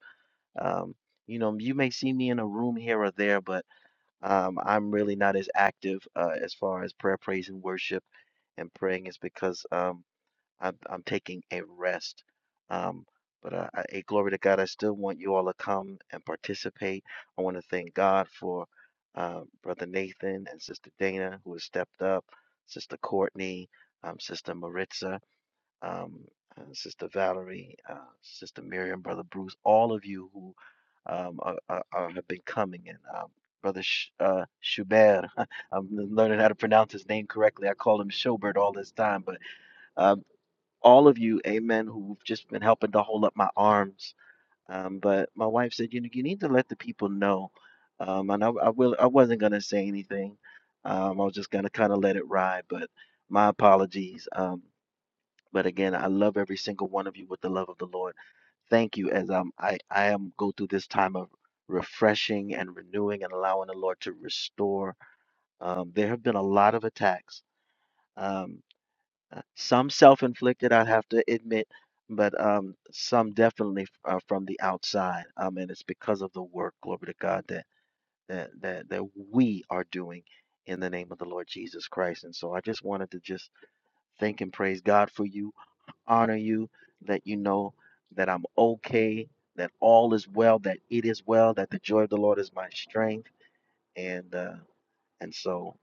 G: um, you know, you may see me in a room here or there, but um, I'm really not as active uh, as far as prayer, praise, and worship and praying is because um, I'm, I'm taking a rest. Um, but uh, I, I- glory to God, I still want you all to come and participate. I want to thank God for uh, Brother Nathan and Sister Dana who has stepped up, Sister Courtney, um, Sister Maritza um, uh, Sister Valerie, uh, Sister Miriam, Brother Bruce, all of you who um, are, are, are- have been coming, and um, Brother Sh- uh, Schubert. I'm learning how to pronounce his name correctly. I call him Schubert all this time, but um, all of you, Amen, who've just been helping to hold up my arms. Um, but my wife said, you know, you need to let the people know. Um, and I, I will. I wasn't gonna say anything. Um, I was just gonna kind of let it ride. But my apologies. Um. But again, I love every single one of you with the love of the Lord. Thank you as um, I, I am go through this time of refreshing and renewing and allowing the Lord to restore. Um, there have been a lot of attacks, um, uh, some self inflicted, I have to admit, but um, some definitely uh, from the outside. Um, and it's because of the work, glory to God, that, that, that, that we are doing in the name of the Lord Jesus Christ. And so I just wanted to just thank and praise God for you honor you, let you know that I'm okay, that all is well, that it is well, that the joy of the Lord is my strength. And uh, and so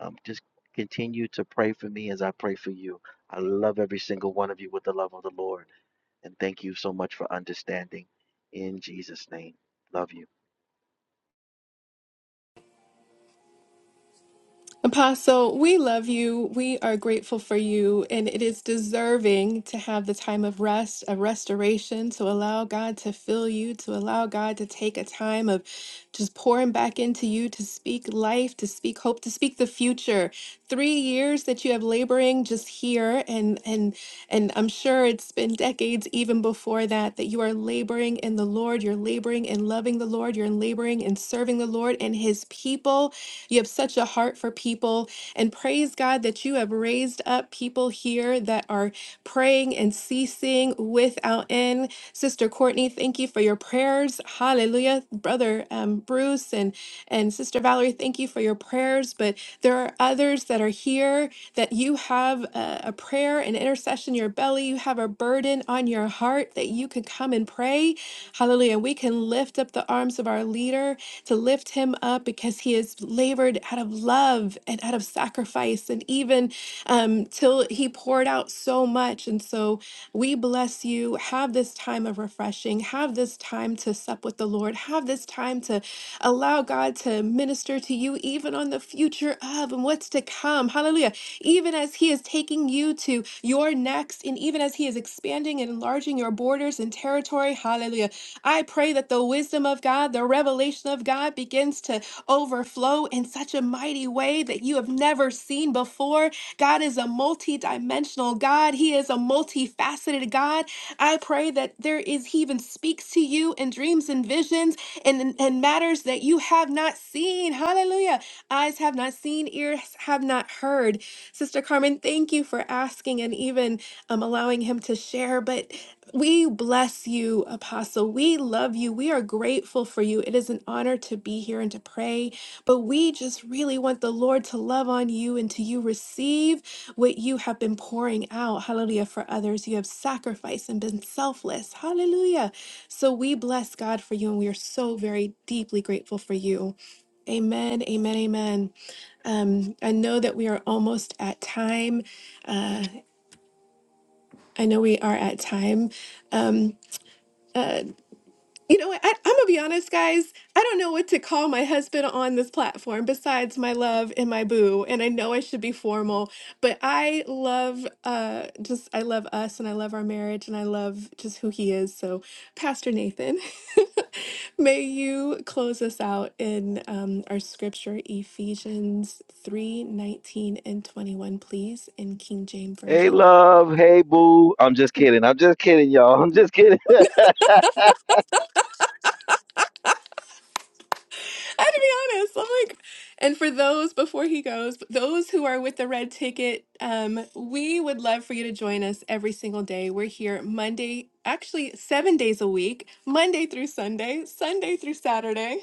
G: um, just continue to pray for me as I pray for you. I love every single one of you with the love of the Lord. And thank you so much for understanding. In Jesus' name, love you.
A: Apostle, we love you. We are grateful for you, and it is deserving to have the time of rest, a restoration, to allow God to fill you, to allow God to take a time of just pouring back into you, to speak life, to speak hope, to speak the future. Three years that you have laboring just here, and and and I'm sure it's been decades even before that that you are laboring in the Lord. You're laboring in loving the Lord. You're laboring in serving the Lord and His people. You have such a heart for people. And praise God that you have raised up people here that are praying and ceasing without end. Sister Courtney, thank you for your prayers. Hallelujah. Brother um, Bruce and, and Sister Valerie, thank you for your prayers. But there are others that are here that you have a, a prayer, an intercession in your belly. You have a burden on your heart that you can come and pray. Hallelujah. We can lift up the arms of our leader to lift him up because he has labored out of love and out of sacrifice, and even um, till he poured out so much. And so we bless you. Have this time of refreshing, have this time to sup with the Lord, have this time to allow God to minister to you, even on the future of and what's to come. Hallelujah. Even as He is taking you to your next, and even as He is expanding and enlarging your borders and territory. Hallelujah. I pray that the wisdom of God, the revelation of God begins to overflow in such a mighty way that you have never seen before. God is a multi-dimensional God. He is a multifaceted God. I pray that there is He even speaks to you in dreams and visions and, and and matters that you have not seen. Hallelujah. Eyes have not seen, ears have not heard. Sister Carmen, thank you for asking and even um, allowing him to share. But we bless you, Apostle. We love you. We are grateful for you. It is an honor to be here and to pray, but we just really want the Lord to love on you and to you receive what you have been pouring out. Hallelujah. For others, you have sacrificed and been selfless. Hallelujah. So we bless God for you, and we are so very deeply grateful for you. Amen. Amen. Amen. Um, I know that we are almost at time. Uh, I know we are at time. Um, uh. You know what? I, I'm gonna be honest, guys. I don't know what to call my husband on this platform besides my love and my boo. And I know I should be formal, but I love uh just I love us and I love our marriage and I love just who he is. So, Pastor Nathan, may you close us out in um, our scripture, Ephesians 3 19 and 21, please, in King James
G: Hey,
A: Version.
G: love. Hey, boo. I'm just kidding. I'm just kidding, y'all. I'm just kidding.
A: I have to be honest. I'm like, and for those before he goes, those who are with the red ticket, um, we would love for you to join us every single day. We're here Monday, actually seven days a week, Monday through Sunday, Sunday through Saturday.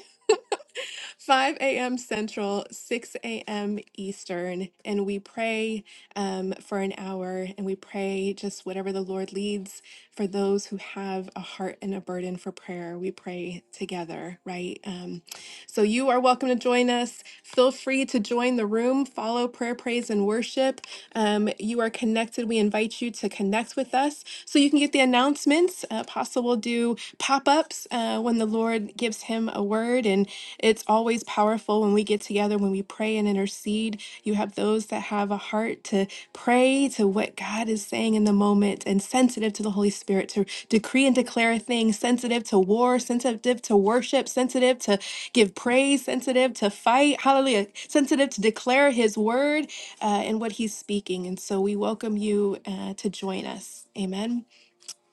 A: 5 a.m. Central, 6 a.m. Eastern, and we pray um, for an hour and we pray just whatever the Lord leads for those who have a heart and a burden for prayer. We pray together, right? Um, so you are welcome to join us. Feel free to join the room, follow prayer, praise, and worship. Um, you are connected. We invite you to connect with us so you can get the announcements. Uh, Apostle will do pop ups uh, when the Lord gives him a word. And it's always powerful when we get together, when we pray and intercede. You have those that have a heart to pray to what God is saying in the moment and sensitive to the Holy Spirit to decree and declare a thing, sensitive to war, sensitive to worship, sensitive to give praise, sensitive to fight. Hallelujah. Sensitive to declare His word uh, and what He's speaking. And so we welcome you uh, to join us. Amen.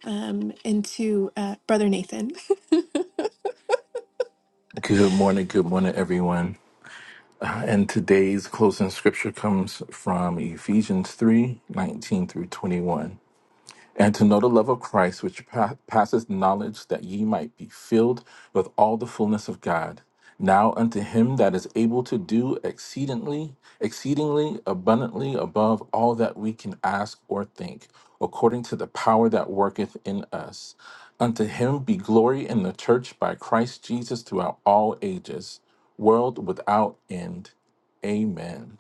A: Um, and to uh, Brother Nathan.
F: Good morning, good morning, everyone. And today's closing scripture comes from Ephesians 3 19 through 21. and to know the love of Christ, which pa- passeth knowledge, that ye might be filled with all the fullness of God. Now unto him that is able to do exceedingly, exceedingly abundantly above all that we can ask or think, according to the power that worketh in us. Unto him be glory in the church by Christ Jesus throughout all ages, world without end. Amen.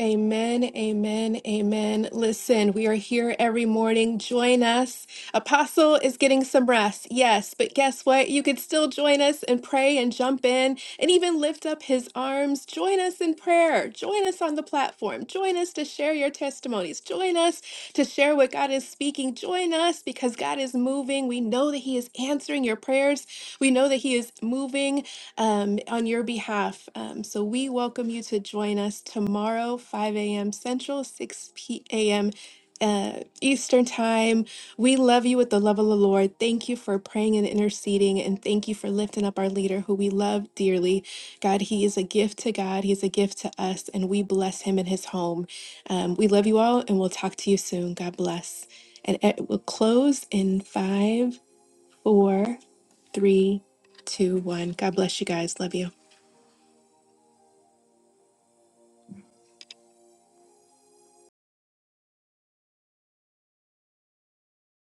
A: Amen, amen, amen. Listen, we are here every morning. Join us. Apostle is getting some rest, yes, but guess what? You could still join us and pray and jump in and even lift up his arms. Join us in prayer. Join us on the platform. Join us to share your testimonies. Join us to share what God is speaking. Join us because God is moving. We know that he is answering your prayers. We know that he is moving um, on your behalf. Um, so we welcome you to join us tomorrow, 5 a.m. Central, 6 p- a.m. Uh, Eastern Time. We love you with the love of the Lord. Thank you for praying and interceding, and thank you for lifting up our leader who we love dearly. God, he is a gift to God, he's a gift to us, and we bless him in his home. Um, we love you all, and we'll talk to you soon. God bless. And it will close in five, four, three, two, one. God bless you guys. Love you.